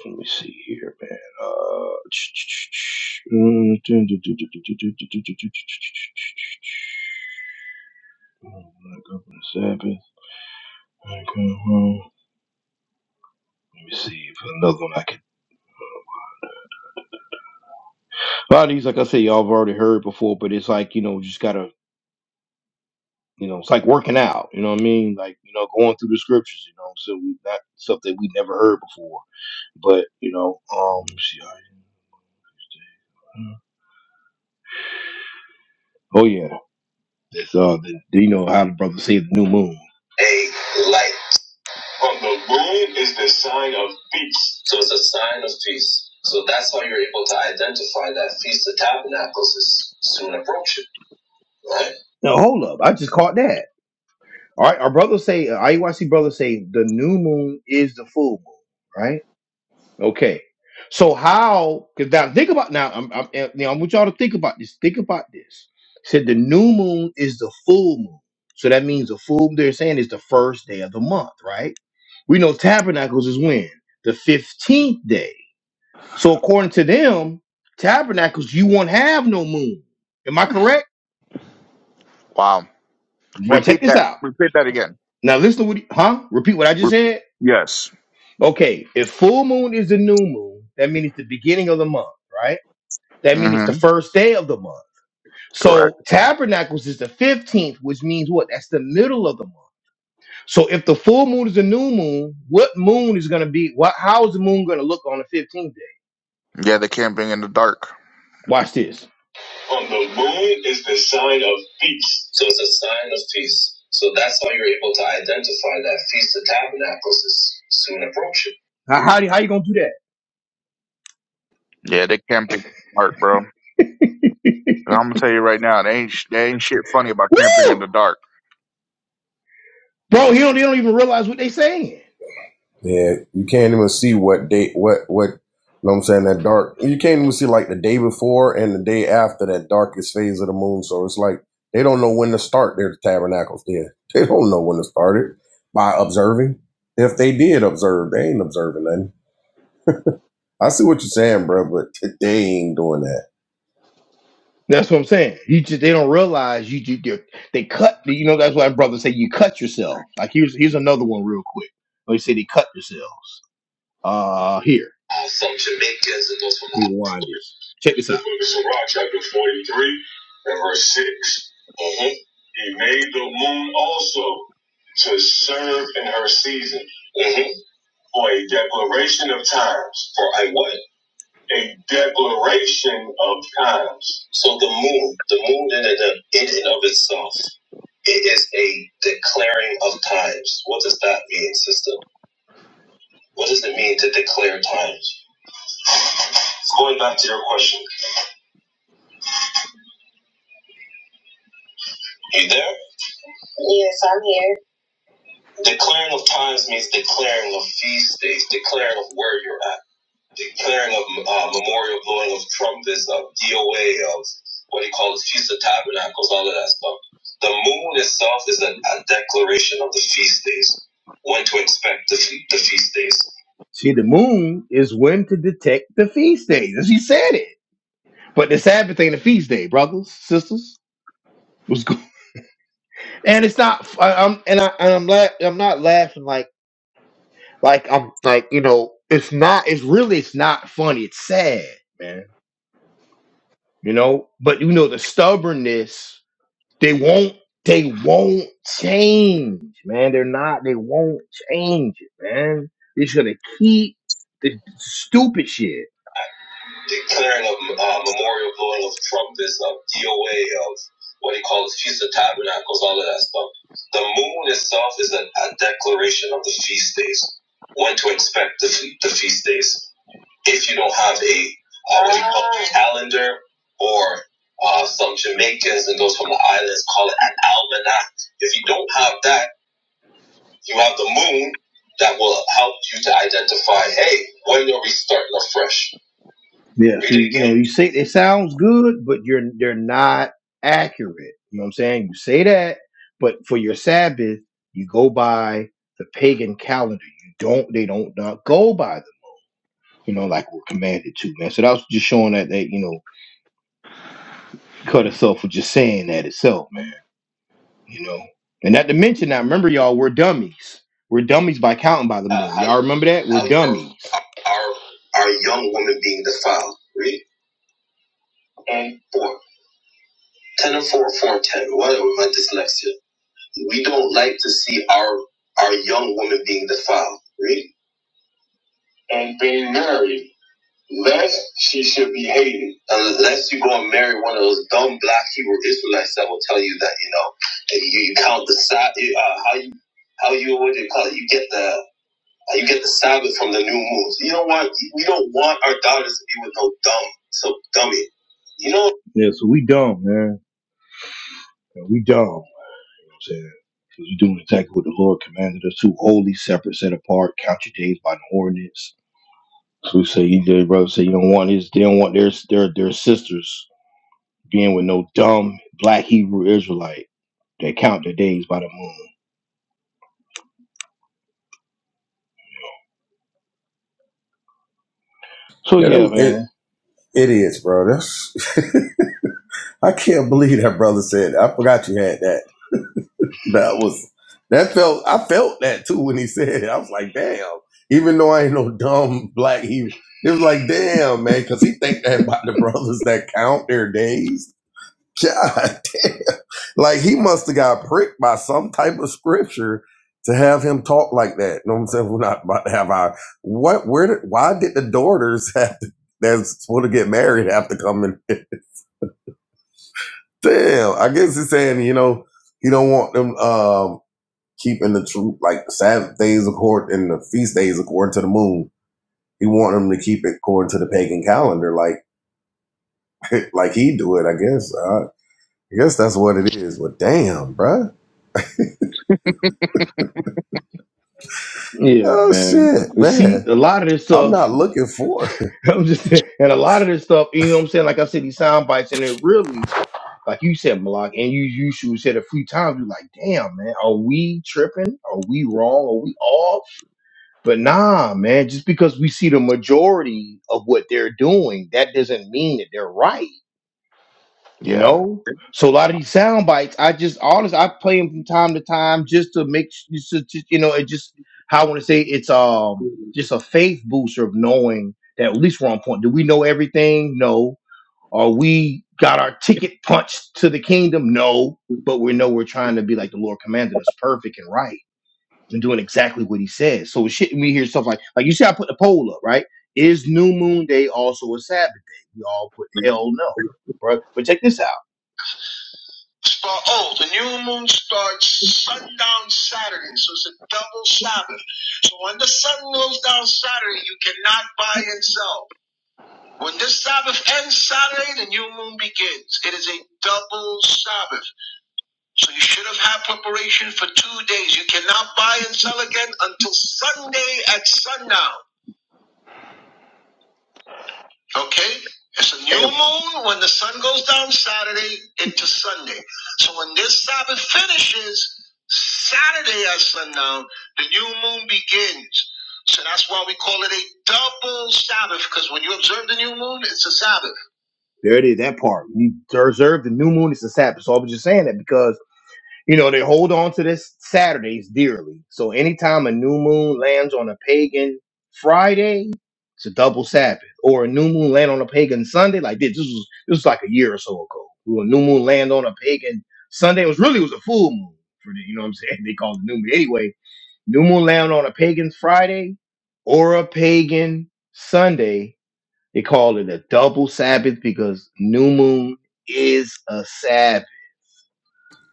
Speaker 1: let me see here, man. Uh, mm, dun- dun- Sabbath. I come home. Let me see if another one I can. A lot of these, like I said, y'all have already heard before, but it's like you know, just gotta, you know, it's like working out. You know what I mean? Like you know, going through the scriptures. You know, so we not stuff that we never heard before. But you know, um, let me see. I- Oh yeah. That's all. That, you know how the brother say the new moon. A light on the moon is the sign of peace. So it's a sign of peace. So that's how you're able to identify that Feast of Tabernacles is soon approaching, right? Now hold up, I just caught that. All right, our brother say, uh, IUIC brother say, the new moon is the full moon, right? Okay. So how? Because now think about now. I'm, I'm eh, now. I want y'all to think about this. Think about this. Said the new moon is the full moon. So that means the full. They're saying is the first day of the month, right? We know tabernacles is when the fifteenth day. So according to them, tabernacles you won't have no moon. Am I correct?
Speaker 2: Wow.
Speaker 1: Well, check
Speaker 2: Repeat
Speaker 1: this
Speaker 2: that.
Speaker 1: out.
Speaker 2: Repeat that again.
Speaker 1: Now listen to what. he- Huh? Repeat what I
Speaker 2: Re-
Speaker 1: just said.
Speaker 2: yes.
Speaker 1: Okay. If full moon is the new moon, that means it's the beginning of the month, right? That means it's the
Speaker 2: Mm-hmm.
Speaker 1: first day of the month.
Speaker 2: Correct.
Speaker 1: So Tabernacles is the 15th, which means what? That's the middle of the month. So if the full moon is a new moon, what moon is going to be? What? How is the moon going to look on the 15th day?
Speaker 2: Yeah, they camping in the dark.
Speaker 1: Watch this. On the moon is the sign of peace. So it's a sign of peace. So that's how you're able to identify that Feast of Tabernacles is soon approaching. How, how, how you going to do
Speaker 2: Yeah, they camping in the dark, bro. And I'm gonna tell you right now, they ain't sh- they ain't shit funny about
Speaker 1: that?
Speaker 2: camping in
Speaker 1: Woo!
Speaker 2: the dark.
Speaker 1: Bro, he don't, they don't even realize what they saying.
Speaker 3: Yeah, you can't even see what day, what, what, you know what I'm saying? That dark, you can't even see like the day before and the day after that darkest phase of the moon. So it's like they don't know when to start their tabernacles there. They don't know when to start it by observing. If they did observe, they ain't observing nothing. I see what you're saying, bro, but they ain't doing that.
Speaker 1: That's what I'm saying. You just they don't realize you you you- they cut. You know that's why brothers say you cut yourself. Like here's here's another one real quick. They say they cut themselves. Uh, here. All from Jamaicans and those from Rewind this. Check this out. Sirach chapter 43 and verse 6. Uh-huh. He made the moon also to serve in her season uh-huh. for a declaration of times. For a what? a declaration of times. So the moon, the moon in and of, itself, it is a declaring of times. What does that mean, sister? What does it mean to declare times? Going back to your question, you there? Yes, I'm here. Declaring of times means declaring of feast days, declaring of where you're at. declaring of uh, memorial blowing of trumpets, of DOA, of what he calls Feast of Tabernacles, all of that stuff. The moon itself is a, a declaration of the feast days, when to expect the, fe- the feast days. See, the moon is when to detect the feast days. As he said it. But the Sabbath ain't a feast day, brothers, sisters. What's good? And it's not. I, I'm and I and I'm la- I'm not laughing like like I'm like you know. It's not. It's really. It's not funny. It's sad, man. you know but you know the stubbornness they won't they won't change man they're not they won't change it man they're just gonna keep the stupid shit declaring a uh, memorial blowing of trumpets of doa of what he calls feast of tabernacles all of that stuff the moon itself is a, a declaration of the feast days when to expect the, fe- the feast days if you don't have a uh, what do you call it, Ah. calendar or uh, some Jamaicans and those from the islands call it an almanac. If you don't have that, you have the moon that will help you to identify, hey, when are we starting afresh? Yeah, so you know, you say it sounds good, but you're they're not accurate. You know what I'm saying? You say that, but for your Sabbath, you go by the pagan calendar. You don't. They don't not go by that you know, like we're commanded to, man. So that was just showing that that you know, cut itself for just saying that itself, man. You know, and not to mention, now remember, y'all, we're dummies. We're dummies by counting by the Uh, moon. Y'all remember that? We're dummies. our, our young woman being defiled. Read on four. Ten and four, four and ten. Whatever my dyslexia. We don't like to see our our young woman being defiled. Read. And being married. Lest she should be hated. Unless you go and marry one of those dumb black Hebrew Israelites that will tell you that, you know, you, you count the Sabbath, uh, how you, how you, what do you call it? You get the, uh, you get the Sabbath from the new moon. You don't want, we don't want our daughters to be with no dumb, so dummy. You know, Yeah, so we dumb, man. We dumb. You know what I'm saying? saying because we are doing exactly what the Lord commanded us to. Holy, separate, set apart, count your days by the ordinance. Who say he their brother say you don't want his they don't want their their their sisters being with no dumb black Hebrew Israelite that count their days by the moon. So
Speaker 3: Yeah,
Speaker 1: yeah,
Speaker 3: them, it,
Speaker 1: man.
Speaker 3: it is, bro. That's, I can't believe that brother said that. I forgot you had that. That was that felt I felt that too when he said it. I was like, damn. Even though I ain't no dumb black he it was like, damn, man, cause he think that about the brothers that count their days. God damn. Like he must have got pricked by some type of scripture to have him talk like that. You know what I'm saying? We're not about to have our what where did why did the daughters have to that's supposed to get married have to come in Damn, I guess he's saying you know he don't want them. Um, keeping the true like Sabbath days according and the feast days according to the moon. He wanted them to keep it according to the pagan calendar, like like he do it. I guess. Uh, I guess that's what it is. But damn, bruh.
Speaker 1: Yeah,
Speaker 3: Oh
Speaker 1: man.
Speaker 3: shit,
Speaker 1: See,
Speaker 3: man.
Speaker 1: a lot of this
Speaker 3: I'm
Speaker 1: stuff,
Speaker 3: not looking for. It.
Speaker 1: I'm just saying, and a lot of this stuff, you know what I'm saying? Like I said, these sound bites, and it really, like you said, Malak, and you you should said a few times, you're like, damn, man, are we tripping? Are we wrong? Are we off? But nah, man, just because we see the majority of what they're doing, that doesn't mean that they're right. you
Speaker 2: Yeah.
Speaker 1: know. So a lot of these sound bites, I just honestly, I play them from time to time just to make s- just, to- just, you know it just how I want to say it's um
Speaker 2: And
Speaker 1: just a faith booster of knowing that at least we're on point. Do we know everything? No. Are we got our ticket punched to the kingdom? No. But we know we're trying to be like the Lord commanded us, perfect and right, and doing exactly what He says. So shit, we hear stuff like like you see, I put the poll up, right? Is New Moon Day also a Sabbath day? We all put hell no, right? But check this out. Start, oh, the new moon starts sundown Saturday, so it's a double Sabbath. So when the sun goes down Saturday, you cannot buy and sell. When this Sabbath ends Saturday, the new moon begins. It is a double Sabbath. So you should have had preparation for two days. You cannot buy and sell again until Sunday at sundown. Okay? It's a new moon when the sun goes down Saturday into Sunday. So when this Sabbath finishes, Saturday at sundown, the new moon begins. So that's why we call it a double Sabbath, because when you observe the new moon, it's a Sabbath. There it is, that part. You observe the new moon, it's a Sabbath. So I was just saying that because you know, they hold on to this Saturdays dearly. So anytime a new moon lands on a pagan Friday, it's a double Sabbath. Or a new moon land on a pagan Sunday, like this, this was this was like a year or so ago. When a new moon land on a pagan Sunday, it was really it was a full moon for the, you know what I'm saying? They called it new moon. Anyway, new moon land on a pagan Friday or a pagan Sunday, they call it a double Sabbath because new moon is a Sabbath.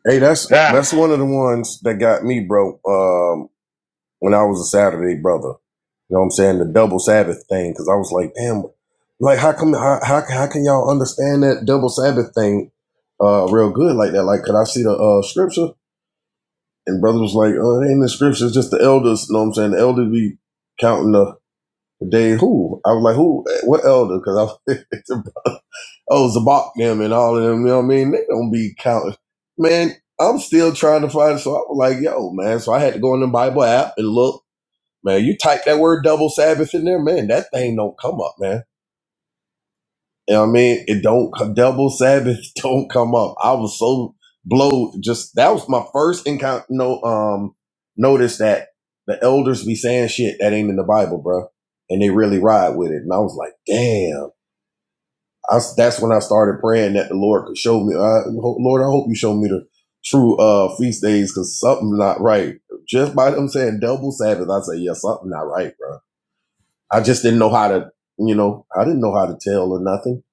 Speaker 3: Hey, that's that's
Speaker 1: Ah,
Speaker 3: one of the ones that got me, bro. Um. when I was a Saturday brother. You know what I'm saying? The double Sabbath thing, because I was like, damn, like how come how how, how can y'all understand that double Sabbath thing uh real good like that? Like, could I see the uh scripture? And brother was like, oh, it ain't in the scripture, it's just the elders, you know what I'm saying? The elders be counting the the day who? I was like, who what elder? Cause I oh Zabak them and all of them, you know what I mean? They don't be counting. Man, I'm still trying to find so I was like, yo, man. So I had to go in the Bible app and look man. You type that word double Sabbath in there, man. That thing don't come up, man. You know what I mean? It don't double Sabbath don't come up. I was so blowed. Just that was my first encounter. No, um, notice that the elders be saying shit that ain't in the Bible, bro, and they really ride with it. And I was like, damn. I, s- that's when I started praying that the Lord could show me. Uh, Lord, I hope you show me the true uh feast days because something's not right. Just by them saying double Sabbath, I say, yeah, something not right, bro I just didn't know how to, you know, I didn't know how to tell or nothing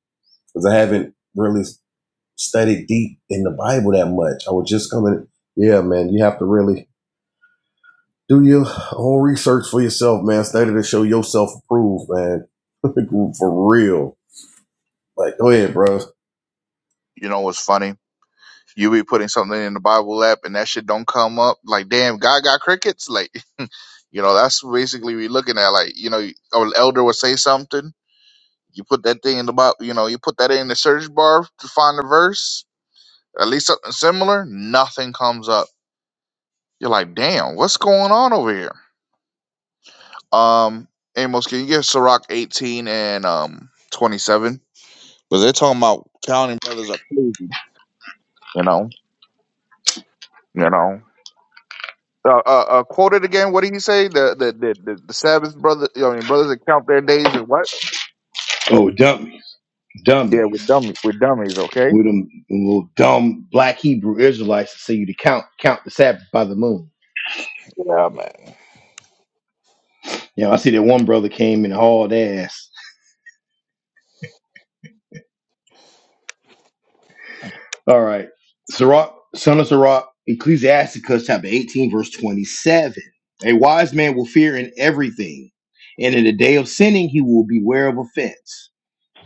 Speaker 3: because I haven't really studied deep in the Bible that much. I was just coming. Yeah, man, you have to really do your own research for yourself, man. Study to show yourself approved, man. for real. Like, go ahead, bro.
Speaker 2: you know what's funny? You be putting something in the Bible app and that shit don't come up. Like, damn, God got crickets. Like, you know, that's basically we looking at. Like, you know, or an elder would say something. You put that thing in the Bible. You know, you put that in the search bar to find a verse, at least something similar. Nothing comes up. You're like, damn, what's going on over here? Um, Amos, can you give Sirach 18 and um 27? Because they're talking about counting brothers are crazy. You know, you know. Uh, uh, uh, quote it again. What did he say? The the the, the, the Sabbath brother, I mean brothers that count their days and what?
Speaker 1: oh dump me.
Speaker 2: Yeah, we're
Speaker 1: dummies
Speaker 2: dummy, we're dummies. Okay.
Speaker 1: with them little dumb black Hebrew Israelites to say you to count count the Sabbath by the moon.
Speaker 2: Yeah, man.
Speaker 1: You know, I see that one brother came and hauled ass. All right. Sirach, son of Sirach, Ecclesiasticus chapter 18, verse 27. A wise man will fear in everything, and in the day of sinning he will beware of offense.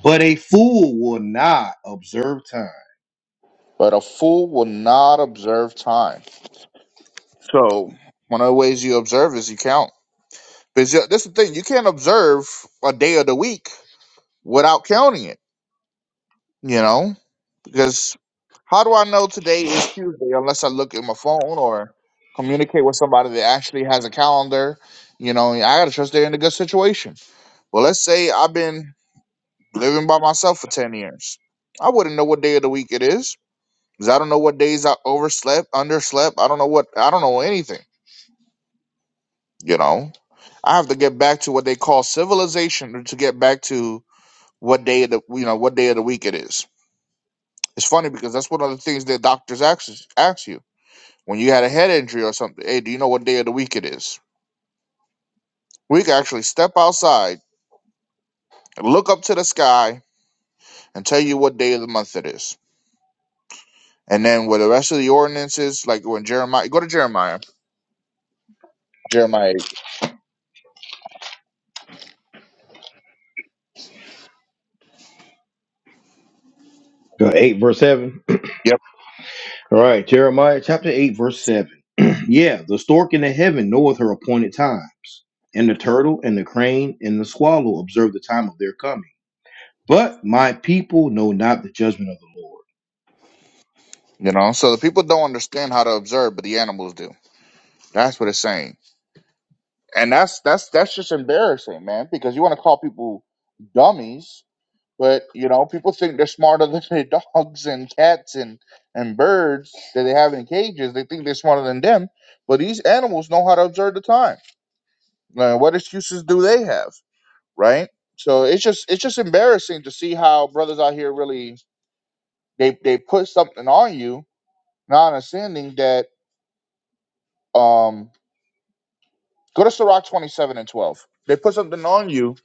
Speaker 1: But a fool will not observe time.
Speaker 2: But a fool will not observe time. So one of the ways you observe is you count. Because this is the thing, you can't observe a day of the week without counting it. You know. Because how do I know today is Tuesday unless I look at my phone or communicate with somebody that actually has a calendar? You know, I gotta trust they're in a good situation. Well, let's say I've been living by myself for ten years. I wouldn't know what day of the week it is because I don't know what days I overslept, underslept. I don't know what I don't know anything. You know, I have to get back to what they call civilization to get back to what day of the you know what day of the week it is. It's funny because that's one of the things that doctors ask ask you When you had a head injury or something, hey, do you know what day of the week it is? We can actually step outside, look up to the sky, and tell you what day of the month it is. And then with the rest of the ordinances, like when Jeremiah, go to Jeremiah. Jeremiah. 8.
Speaker 1: Go 8 verse 7.
Speaker 2: Yep.
Speaker 1: All right, Jeremiah chapter 8, verse 7. yeah, the stork in the heaven knoweth her appointed times, and the turtle and the crane and the swallow observe the time of their coming. But my people know not the judgment of the Lord.
Speaker 2: You know, so the people don't understand how to observe, but the animals do. That's what it's saying. And that's that's that's just embarrassing, man, because you want to call people dummies But you know, people think they're smarter than their dogs and cats and and birds that they have in cages. They think they're smarter than them, but these animals know how to observe the time. Uh, what excuses do they have, right? So it's just it's just embarrassing to see how brothers out here really they they put something on you, not understanding that. Um, go to Sirach twenty seven and twelve. They put something on you,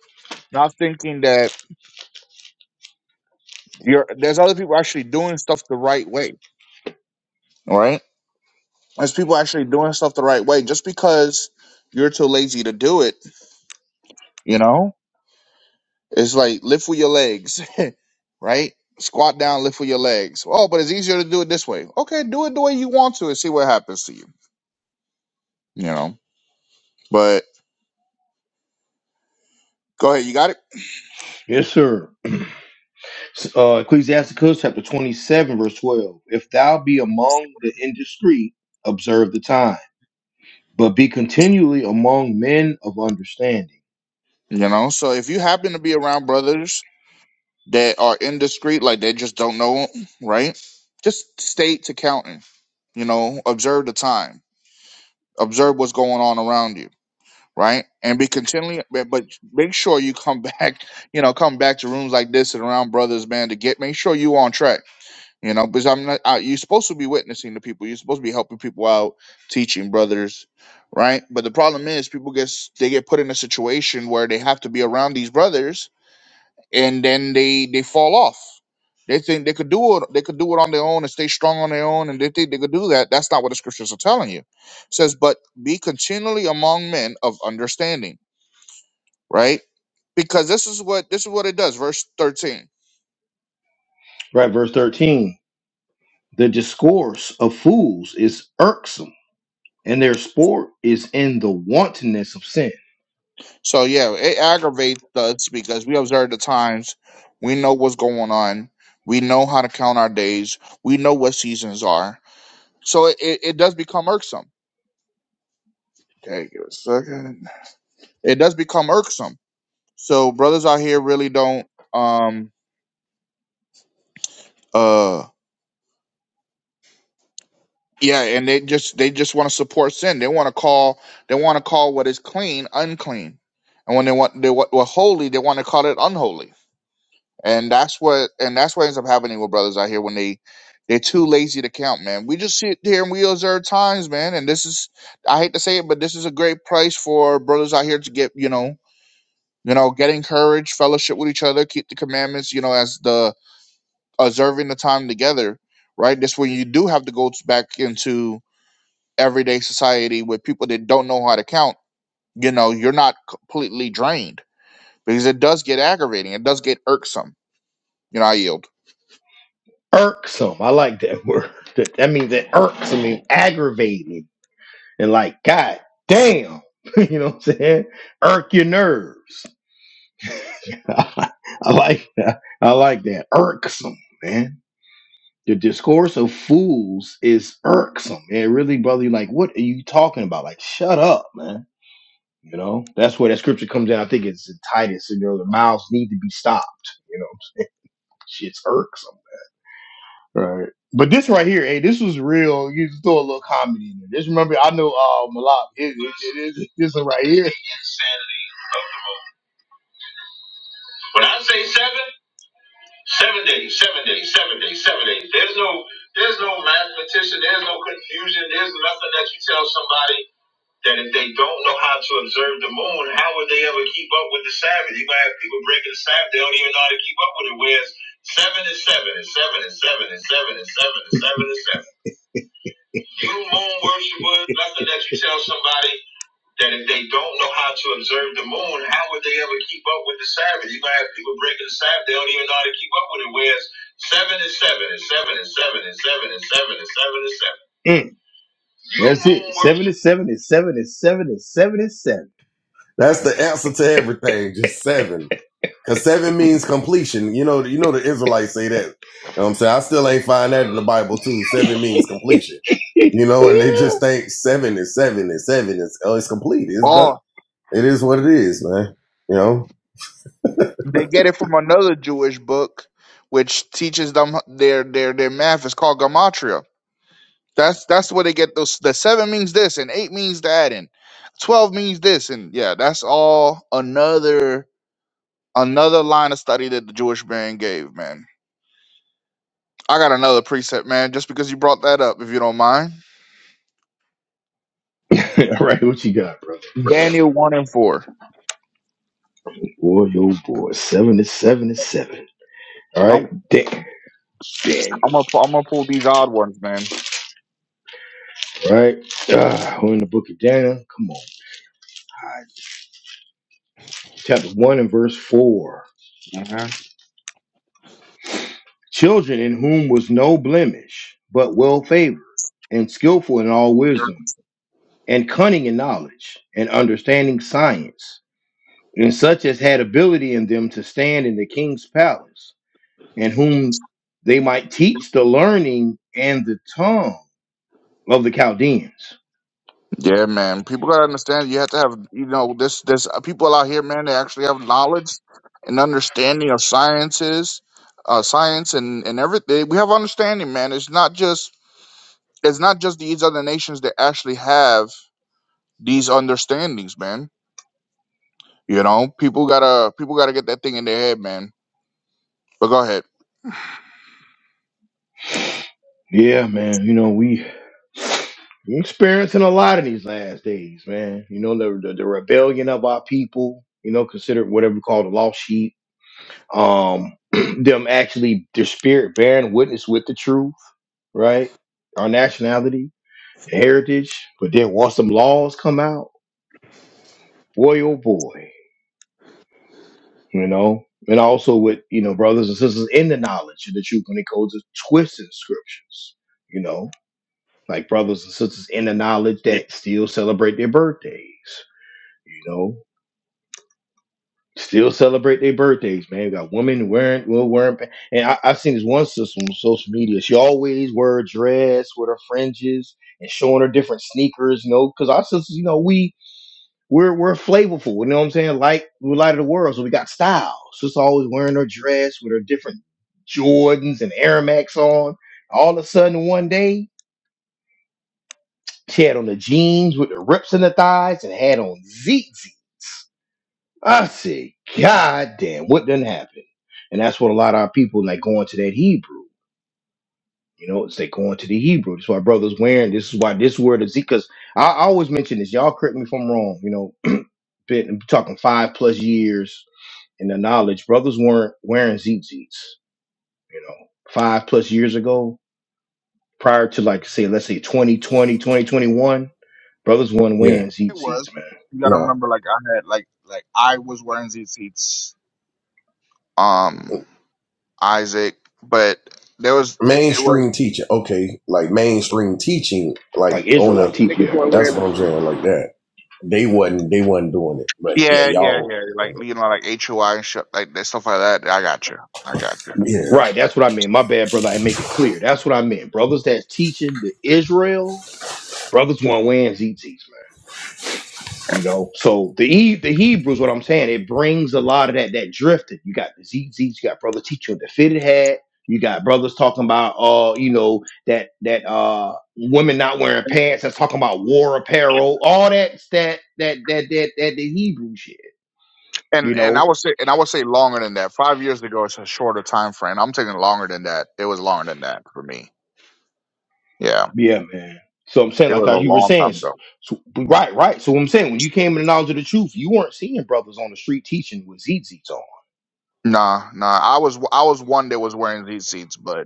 Speaker 2: not thinking that you're there's other people actually doing stuff the right way, right? There's people actually doing stuff the right way. Just because you're too lazy to do it, you know, it's like lift with your legs, right? Squat down, lift with your legs. Oh, but it's easier to do it this way. Okay, do it the way you want to and see what happens to you, you know. But go ahead, you got it,
Speaker 1: Yes, sir. S- Uh, Ecclesiasticus chapter 27, verse 12. If thou be among the indiscreet, observe the time, but be continually among men of understanding.
Speaker 2: you know. So if you happen to be around brothers that are indiscreet, like they just don't know, right? Just stay to counting, you know, observe the time, observe what's going on around you right? And be continually, but but make sure you come back, you know, come back to rooms like this and around brothers, man, to get make sure you on track, you know, because I'm not, I, you're supposed to be witnessing to people, you're supposed to be helping people out, teaching brothers, right? But the problem is, people get s- they get put in a situation where they have to be around these brothers, and then they they fall off. They think they could do it. They could do it on their own and stay strong on their own, and they think they could do that. That's not what the scriptures are telling you. It says, but be continually among men of understanding right? Because this is what this is what it does, verse thirteen.
Speaker 1: Right, verse 13. The discourse of fools is irksome and their sport is in the wantonness of sin.
Speaker 2: So yeah, it aggravates us because we observe the times, we know what's going on, we know how to count our days, we know what seasons are. So it, it, it does become irksome. Okay, give it a second. It does become irksome. So brothers out here really don't um uh yeah, and they just they just want to support sin. They want to call they want to call what is clean unclean, and when they want they what what holy they want to call it unholy And that's what and that's what ends up happening with brothers out here when they they're too lazy to count, man. We just sit here and we observe times, man. And this is I hate to say it, but this is a great price for brothers out here to get, you know, you know, get encouraged, fellowship with each other, keep the commandments, you know, as the observing the time together, right? This when you do have to go t- back into everyday society with people that don't know how to count, you know, you're not completely drained because it does get aggravating. It does get irksome. You know, I yield.
Speaker 1: Irksome. I like that word. That, that means that irks. I mean, aggravating. And like, God damn. you know what I'm saying? Irk your nerves. I like that. I like that. Irksome, man. The discourse of fools is irksome. It really, brother, you're like, what are you talking about? Like, shut up, man. You know, that's where that scripture comes in. I think it's in Titus, and you know, the mouths need to be stopped. You know what I'm saying? Shit's irksome. Right. But this right here, hey, this was real. You just throw a little comedy in there. Just remember, I know uh, Malak. It, it, it is this one right here. When I say seven, seven days, seven days, seven days, seven days. There's no, there's no mathematician. There's no confusion. There's nothing that you tell somebody that if they don't know how to observe the moon, how would they ever keep up with the Sabbath? You might have people breaking the Sabbath. They don't even know how to keep up with it. Whereas seven is seven, and seven is seven, and seven is seven, and seven is seven. and seven. You moon worshipers, nothing that you tell somebody that if they don't know how to observe the moon, how would they ever keep up with the Sabbath? You're gonna have people breaking the Sabbath, they don't even know how to keep up with it. Whereas seven is seven and seven and seven and seven and seven and seven and seven. Mm, You that's it. moon it. Seven worshipers. is seven is seven is seven is seven is seven.
Speaker 3: That's the answer to everything. Just seven. Cause seven means completion. You know, you know the Israelites say that. You know what I'm saying I still ain't find that in the Bible too. Seven means completion. You know, and they
Speaker 1: Yeah.
Speaker 3: just think seven is seven is seven is oh, it's complete. It's done. It is what it is, man. You know,
Speaker 2: They get it from another Jewish book, which teaches them their their their math. It's called gematria. That's that's where they get those. The seven means this, and eight means that, and twelve means this, and yeah, that's all another another line of study that the Jewish man gave. Man, I got another precept, man. Just because you brought that up, if you don't mind,
Speaker 1: All right, what you got, brother?
Speaker 2: Daniel one and four.
Speaker 1: Boy, yo, boy. Seven is seven is seven. All
Speaker 2: I'm
Speaker 1: right, Dick
Speaker 2: I'm
Speaker 1: Daniel.
Speaker 2: gonna pu- I'm gonna pull these odd ones, man.
Speaker 1: All right. Ah, we're in the book of Daniel. Come on. chapter 1 and verse 4.
Speaker 2: hmm
Speaker 1: Children in whom was no blemish, but well favored, and skillful in all wisdom, and cunning in knowledge, and understanding science, and such as had ability in them to stand in the king's palace, and whom they might teach the learning and the tongue of the Chaldeans.
Speaker 2: Yeah, man. People gotta understand. You have to have, you know, this. This uh, people out here, man. They actually have knowledge and understanding of sciences, uh, science and and everything. We have understanding, man. It's not just it's not just these other nations that actually have these understandings, man. You know, people gotta people gotta get that thing in their head, man. But go ahead.
Speaker 1: Yeah, man. You know, we we experiencing a lot in these last days, man. You know, the the, the rebellion of our people. You know, considered whatever we call the lost sheep. Um, them actually their spirit bearing witness with the truth, right? Our nationality, heritage. But then once them laws come out, boy, oh boy, you know. And also with you know brothers and sisters in the knowledge of the truth when it goes to twisting scriptures, you know like brothers and sisters in the knowledge
Speaker 2: It
Speaker 1: that still celebrate their birthdays. You know, still celebrate their birthdays, man. We got women wearing, well, wearing, pa- and I, I seen this one sister on social media. She always wear a dress with her fringes and showing her different sneakers, you know, because our sisters, you know, we we're we're flavorful, you know what I'm saying? Like we're light of the world, so we got style. Sister always wearing her dress with her different Jordans and Air Max on. All of a sudden, one day. She had on the jeans with the rips in the thighs and had on ZZ. I said, God damn, what done happened? And that's what a lot of our people like going to that Hebrew. You know, it's they going to the Hebrew. That's why brothers wearing this is why this word is because I, I always mention this. Y'all correct me if I'm wrong. You know, been talking five plus years in the knowledge. Brothers weren't wearing ZZs, you know, five plus years ago, prior to like say, let's say 2020 2021. brothers weren't
Speaker 3: yeah.
Speaker 1: wearing
Speaker 2: was.
Speaker 1: ZZs, man
Speaker 2: You gotta
Speaker 3: No
Speaker 2: remember, like I had, like like I was wearing these seats. Um, Isaac, but there was it was.
Speaker 3: mainstream teaching. Okay, like mainstream teaching,
Speaker 1: Like
Speaker 3: like on
Speaker 1: Israelite
Speaker 3: the.
Speaker 1: teach,
Speaker 4: niggas
Speaker 1: yeah.
Speaker 4: going
Speaker 3: That's
Speaker 4: wearing
Speaker 3: what
Speaker 4: them
Speaker 3: I'm saying,
Speaker 4: shit.
Speaker 3: like that. They wasn't. They wasn't doing it, but yeah,
Speaker 2: Yeah, yeah,
Speaker 3: y'all.
Speaker 2: yeah. Like you know, like HOI and shit like that, stuff like that. I got you. I got you.
Speaker 3: Yeah,
Speaker 1: Right, that's what I mean. My bad, brother. I make it clear. That's what I meant. Brothers that's teaching the Israel, brothers want to win ZTs, man. You know, so the E the Hebrews, what I'm saying, it brings a lot of that that drifted. You got the ZZ, you got brother teacher with the fitted hat, you got brothers talking about uh, you know, that that uh women not wearing pants, that's talking about war apparel, all that that that that that that the Hebrew shit, you
Speaker 2: And and I
Speaker 1: know?
Speaker 2: would say and I would say longer than that. Five years ago, it's a shorter time frame. I'm taking longer than that. It was longer than that for me. Yeah,
Speaker 1: Yeah, man. So I'm saying,
Speaker 2: it
Speaker 1: like
Speaker 2: was
Speaker 1: how
Speaker 2: a
Speaker 1: you were
Speaker 2: long
Speaker 1: saying,
Speaker 2: time
Speaker 1: s-
Speaker 2: ago.
Speaker 1: so, right, right. So what I'm saying, when you came to the knowledge of the truth, you weren't seeing brothers on the street teaching with ZZs on.
Speaker 2: Nah, nah. I was I was one that was wearing these seats, but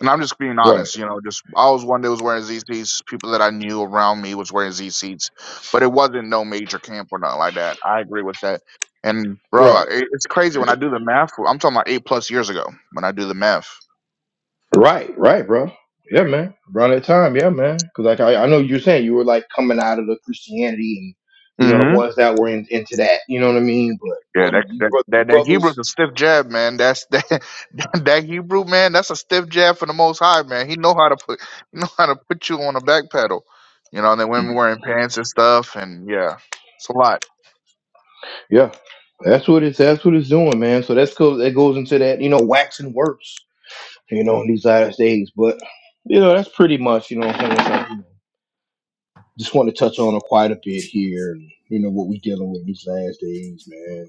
Speaker 2: And I'm just being
Speaker 1: Right,
Speaker 2: honest, you know, just I was one that was wearing Z ZCs. People that I knew around me was wearing Z ZCs, but it wasn't no major camp or nothing like that. I agree with that. And bro, I-
Speaker 1: right.
Speaker 2: it, it's crazy when I do the math. I'm talking about eight plus years ago when I do the math.
Speaker 1: Right, right, bro. Yeah, man. Around that time, yeah, man. Because like I, I know you're saying you were like coming out of the Christianity and you know the
Speaker 2: hmm
Speaker 1: ones that were in, into that. You know what I mean? But
Speaker 2: Yeah,
Speaker 1: what
Speaker 2: that
Speaker 1: you
Speaker 2: that
Speaker 1: bro- you
Speaker 2: that, that Hebrew's
Speaker 1: brothers?
Speaker 2: a stiff jab, man. That's that, that Hebrew man. That's a stiff jab for the Most High, man. He know how to put he know how to put you on a back pedal, you know. And then women wearing pants and stuff, and yeah, it's a lot.
Speaker 1: Yeah, that's what it's that's what it's doing, man. So that's cool. That goes into that you know waxing worse. You know in these last days, but you know that's pretty much you know what I'm saying. It's like, you know, just want to touch on it quite a bit here. And, you know what we dealing with these last days, man.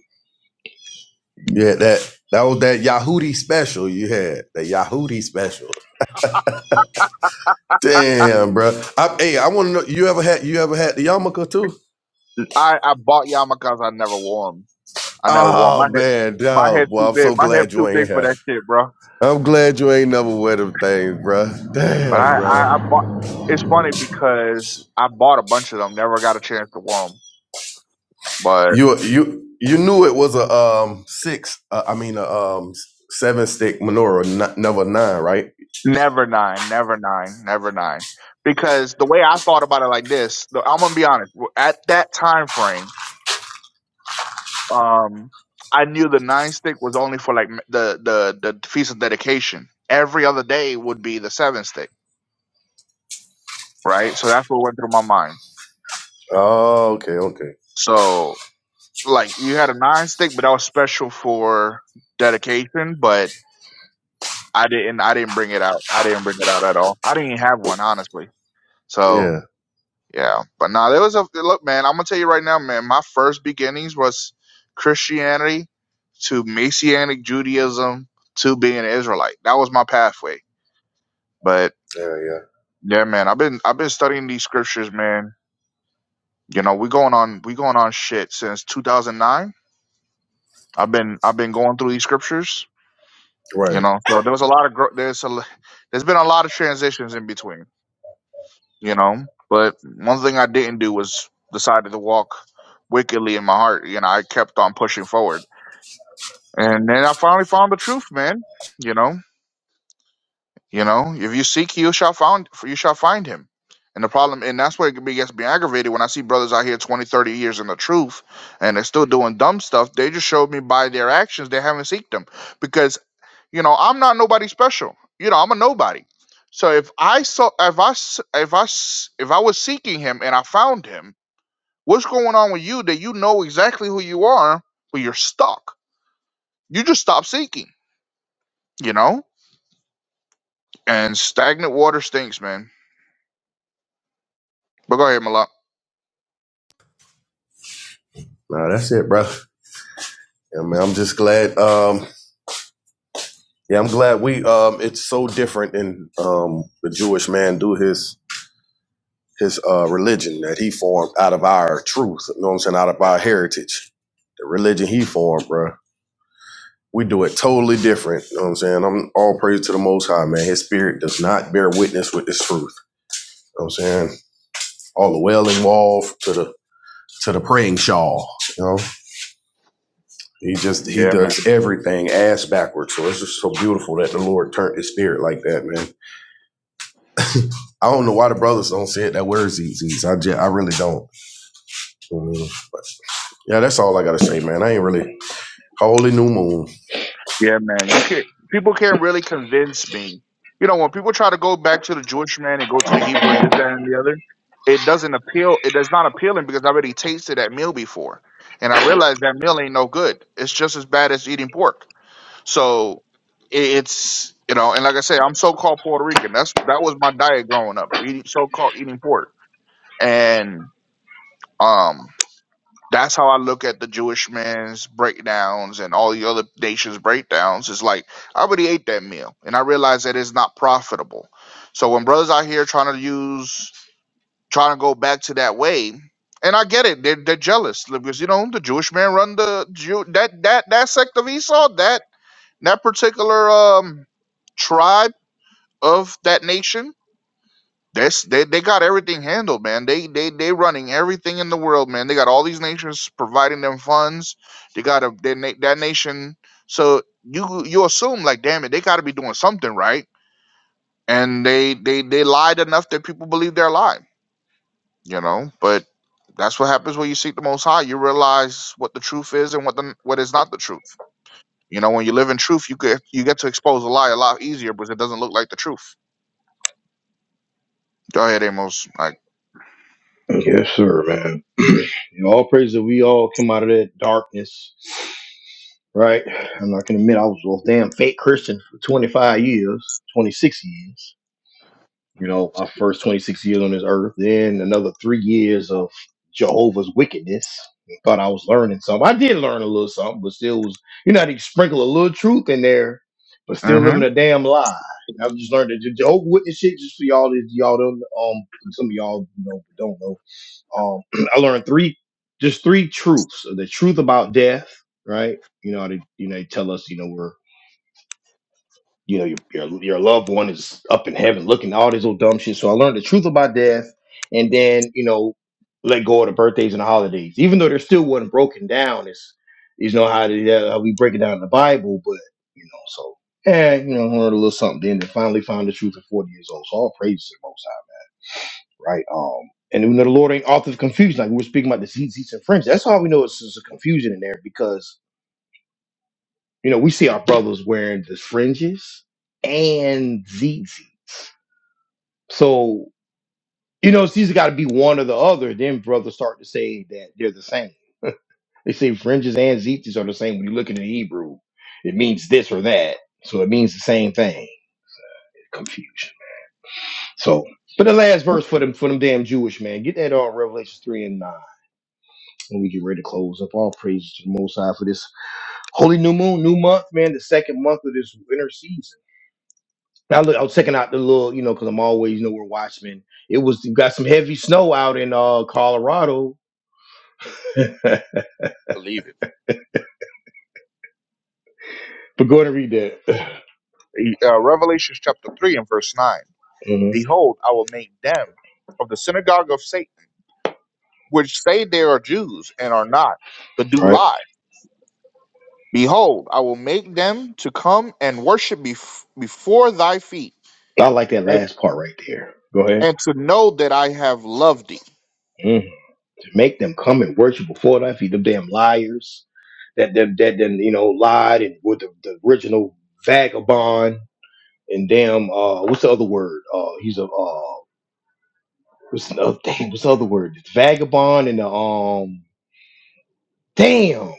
Speaker 3: yeah. That that was that Yahudi special you had. That Yahudi special. Damn, bro. I, hey, I want to know. You ever had? You ever had the yarmulke too?
Speaker 2: I I bought yarmulkes. I never wore them. I never wore 'em.
Speaker 3: Oh
Speaker 2: My head,
Speaker 3: man,
Speaker 2: my head
Speaker 3: dog. Boy,
Speaker 2: too
Speaker 3: I'm
Speaker 2: big.
Speaker 3: so
Speaker 2: My head
Speaker 3: glad
Speaker 2: too
Speaker 3: you ain't
Speaker 2: big for
Speaker 3: here.
Speaker 2: that shit, bro.
Speaker 3: I'm glad you ain't never wear them things, bro.
Speaker 2: But
Speaker 3: Damn,
Speaker 2: I, I, I
Speaker 3: bro.
Speaker 2: bought. It's funny because I bought a bunch of them. Never got a chance to wear them. But
Speaker 3: You you you knew it was a um six. Uh, I mean a um seven stick menorah, not, never nine, right?
Speaker 2: never nine, never nine, never nine. Because the way I thought about it, like this, the- I'm gonna be honest. At that time frame, um, I knew the nine stick was only for like m- the the the feast of dedication. Every other day would be the seven stick, right? So that's what went through my mind.
Speaker 3: Oh, okay, okay.
Speaker 2: So like you had a nine stick, but that was special for dedication. But I didn't, I didn't bring it out. I didn't bring it out at all. I didn't even have one, honestly. So
Speaker 3: Yeah,
Speaker 2: yeah, but nah, there was a look, man. I'm gonna tell you right now, man. My first beginnings was Christianity to Messianic Judaism to being an Israelite. That was my pathway. But
Speaker 3: yeah, yeah.
Speaker 2: yeah, man, I've been I've been studying these scriptures, man. You know, we going on we going on shit since 2009. I've been I've been going through these scriptures you
Speaker 3: Right.
Speaker 2: know. So there was a lot of gro- there's a l- there's been a lot of transitions in between, you know. But one thing I didn't do was decided to walk wickedly in my heart. You know, I kept on pushing forward, and then I finally found the truth, man. You know, you know, if you seek, you shall find you shall find him. And the problem, and that's where it gets me aggravated when I see brothers out here 20, 30 years in the truth, and they're still doing dumb stuff. They just showed me by their actions they haven't seeked them because. You know, I'm not nobody special. You know, I'm a nobody. So if I saw, if I, s- if I, s- if I was seeking him and I found him, what's going on with you that you know exactly who you are, but you're stuck? You just stop seeking, you know? And stagnant water stinks, man. But go ahead,
Speaker 3: Nah, that's it, bro. Yeah, man. I'm just glad. Um, yeah, I'm glad we. Um, it's so different, and um, the Jewish man do his his uh, religion that he formed out of our truth. You know what I'm saying? Out of our heritage, the religion he formed, bro. We do it totally different. You know what I'm saying? I'm all praise to the Most High, man. His spirit does not bear witness with this truth. You know what I'm saying? All the wailing wall to the to the praying shawl. You know, he just he
Speaker 2: Malak.
Speaker 3: does everything ass backwards. So it's just so beautiful that the Lord turned his spirit like that, man. I don't know why the brothers don't say it that word ZZs. I just, I really don't. You know what I mean? But yeah, that's all I gotta say, man. I ain't really Holy new moon.
Speaker 2: Yeah, man. You can people can't really convince me. You know, when people try to go back to the Jewish man and go to the Hebrew and this, that, and the other, it doesn't appeal. It does not appealing because I already tasted that meal before, and I realized that meal ain't no good. It's just as bad as eating pork. So i- it's you know, and like I say, I'm so called Puerto Rican. That's that was my diet growing up, eating so called eating pork, and um. That's how I look at the Jewish man's breakdowns and all the other nations' breakdowns. It's like I already ate that meal, and I realize that it's not profitable. So when brothers out here trying to use, trying to go back to that way, and I get it, they're, they're jealous because you know the Jewish man run the Jew that that that sect of Esau, that that particular um tribe of that nation that's they they got everything handled, man. They they they running everything in the world, man. They got all these nations providing them funds. They got a that, na- that nation. So you you assume like, damn it, they got to be doing something right, and they they they lied enough that people believe they're lying, you know. But that's what happens when you seek the Most High. You realize what the truth is and what the what is not the truth. You know, when you live in truth, you get you get to expose a lie a lot easier because it doesn't look like the truth. Go ahead, Amos. Like,
Speaker 1: Yes, sir, man. You know, all praise that we all come out of that darkness, right? I'm not gonna admit I was a damn fake Christian for 25 years, 26 years. You know, my first 26 years on this earth, then another three years of Jehovah's wickedness. Thought I was learning something. I did learn a little something, but still was you know how to sprinkle a little truth in there, but still living
Speaker 2: Mhm.
Speaker 1: a damn lie. And I've just learned that the Jehovah Witness shit just for y'all that y'all don't um some of y'all you know don't know. Um, I learned three, just three truths: the truth about death, right? You know, they you know they tell us, you know, we're you know your your, your loved one is up in heaven, looking at all this old dumb shit. So I learned the truth about death, and then you know let go of the birthdays and the holidays, even though there still wasn't broken down. It's you know how, they, how we break it down in the Bible, but you know so. Yeah, you know, learned a little something. Then they finally found the truth at 40 years old. So all praise to the most. High right? Um, and we know the Lord ain't author of confusion, like we were speaking about the seats, and fringes. That's all we know is there's a confusion in there because you know we see our brothers wearing the fringes and zits. So you know it's either got to be one or the other. Then brothers start to say that they're the same. They say fringes and zits are the same. When you look at the Hebrew, it means this or that, so it means the same thing. Confusion. So, but the last verse for them for them damn Jewish man, get that on Revelations three and nine. And we get ready to close up all praise to the Most High for this holy new moon, new month, man, the second month of this winter season. Now, look, I was checking out the little, you know, because I'm always, you know, we're watchmen. It was you got some heavy snow out in uh Colorado, but
Speaker 2: Believe it.
Speaker 1: go ahead and read that.
Speaker 2: uh, Revelation chapter 3 and verse 9.
Speaker 1: hmm
Speaker 2: Behold, I will make them of the synagogue of Satan, which say they are Jews and are not, but do
Speaker 1: Right,
Speaker 2: lie. Behold, I will make them to come and worship bef- before thy feet,
Speaker 1: I like that
Speaker 2: and,
Speaker 1: last part right there. Go ahead.
Speaker 2: and to know that I have loved thee.
Speaker 1: Mm. To make them come and worship before thy feet, them damn liars that that that then you know lied and with the, the original vagabond and damn uh what's the other word? Uh, he's a uh What's the other thing? What's the other word? It's Vagabond and the um. Damn,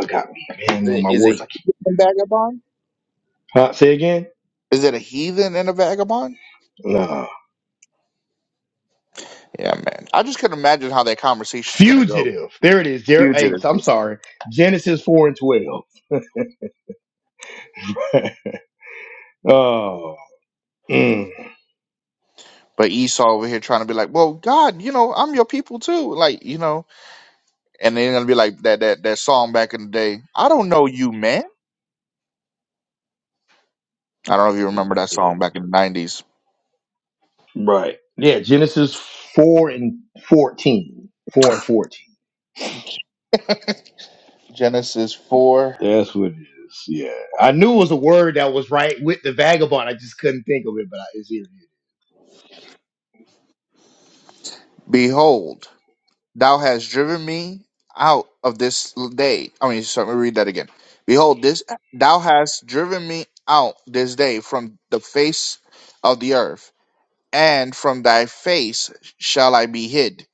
Speaker 1: I got me. Man, no, my
Speaker 2: Is
Speaker 1: words.
Speaker 2: it
Speaker 1: I can't-
Speaker 2: a vagabond?
Speaker 1: Huh? Say again.
Speaker 2: Is it a heathen and a vagabond?
Speaker 1: Nah.
Speaker 2: Yeah, man. I just couldn't imagine how that conversation is going to go.
Speaker 1: Fugitive. There it is. There. Hey,
Speaker 2: Fugitive.
Speaker 1: I'm sorry. Genesis four and twelve. Oh. mm,
Speaker 2: But Esau over here trying to be like, well, God, you know, I'm your people too. Like, you know, and they're gonna be like that that that song back in the day. I don't know you, man. I don't know if you remember that
Speaker 1: yeah,
Speaker 2: song back in the nineties.
Speaker 1: Right. Yeah. Genesis four and fourteen. Four and fourteen.
Speaker 2: Genesis four.
Speaker 1: That's what it is. Yeah. I knew it was a word that was right with the vagabond. I just couldn't think of it, but I, it's here.
Speaker 2: Behold, thou hast driven me out of this day. I mean, so let me read that again. Behold, this thou hast driven me out this day from the face of the earth, and from thy face shall I be hid,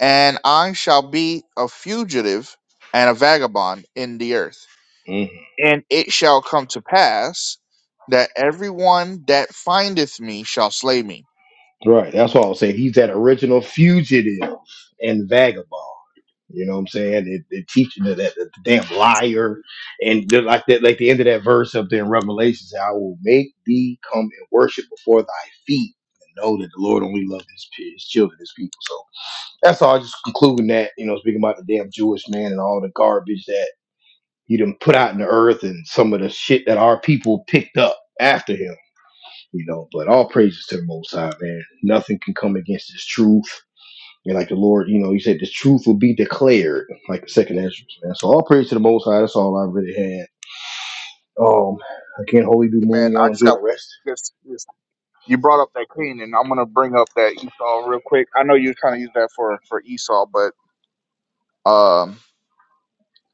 Speaker 2: and I shall be a fugitive and a vagabond in the earth.
Speaker 1: Mm-hmm.
Speaker 2: And it shall come to pass that everyone that findeth me shall slay me.
Speaker 1: Right. That's what I was saying. He's that original fugitive and vagabond. You know what I'm saying? It, it teaches that, that, that damn liar and they're like that, like the end of that verse up there in Revelation, say, I will make thee come and worship before thy feet and know that the Lord only loved his, pe- his children, his people. So that's all. Just concluding that, you know, speaking about the damn Jewish man and all the garbage that he done put out in the earth and some of the shit that our people picked up after him you know. But all praises to the Most High, man. Nothing can come against this truth. And like the Lord, you know, He said the truth will be declared, like the second Ezra, man. So all praise to the Most High. That's all I really had. Um, again, Holy New
Speaker 2: Hey,
Speaker 1: Moon,
Speaker 2: Man, I
Speaker 1: y'all
Speaker 2: just
Speaker 1: enjoy
Speaker 2: got
Speaker 1: the rest.
Speaker 2: this, this. You brought up that Cain, and I'm gonna bring up that Esau real quick. I know you're trying to use that for for Esau, but um,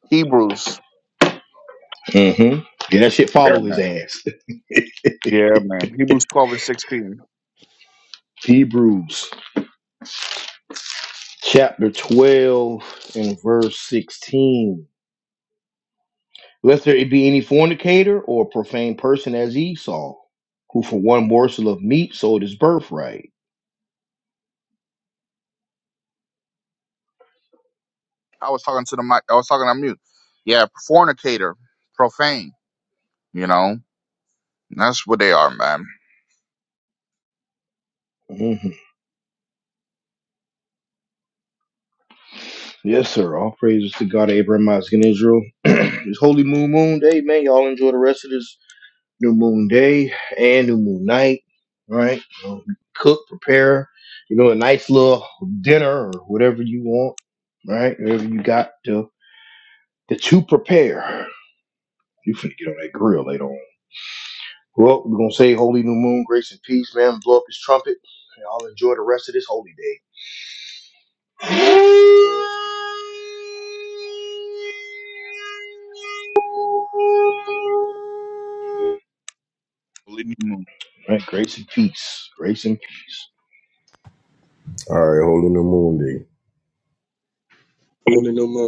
Speaker 2: Hebrews.
Speaker 1: Mm-hmm. Yeah, that shit
Speaker 2: Yeah,
Speaker 1: follow his
Speaker 2: man.
Speaker 1: ass.
Speaker 2: Yeah, man. Hebrews 12 and 16.
Speaker 1: Hebrews chapter 12 and verse 16. Lest there be any fornicator or profane person as Esau, who for one morsel of meat sold his birthright.
Speaker 2: I was talking to the mic. I was talking on mute. Yeah, fornicator, profane. You know, that's what they are, man.
Speaker 1: Mhm. Yes, sir. All praises to God, Abraham, Isaac, and Israel. this holy moon moon day, man. Y'all enjoy the rest of this new moon day and new moon night. Right? So cook, prepare, you know, a nice little dinner or whatever you want. Right? Whatever you got to that you prepare. You finna get on that grill later on. Well, we're gonna say holy new moon, grace and peace, man. Blow up his trumpet. Y'all enjoy the rest of this holy day. Right? Grace and peace. Grace and peace.
Speaker 3: All right, holy new moon day.
Speaker 4: Holding them on.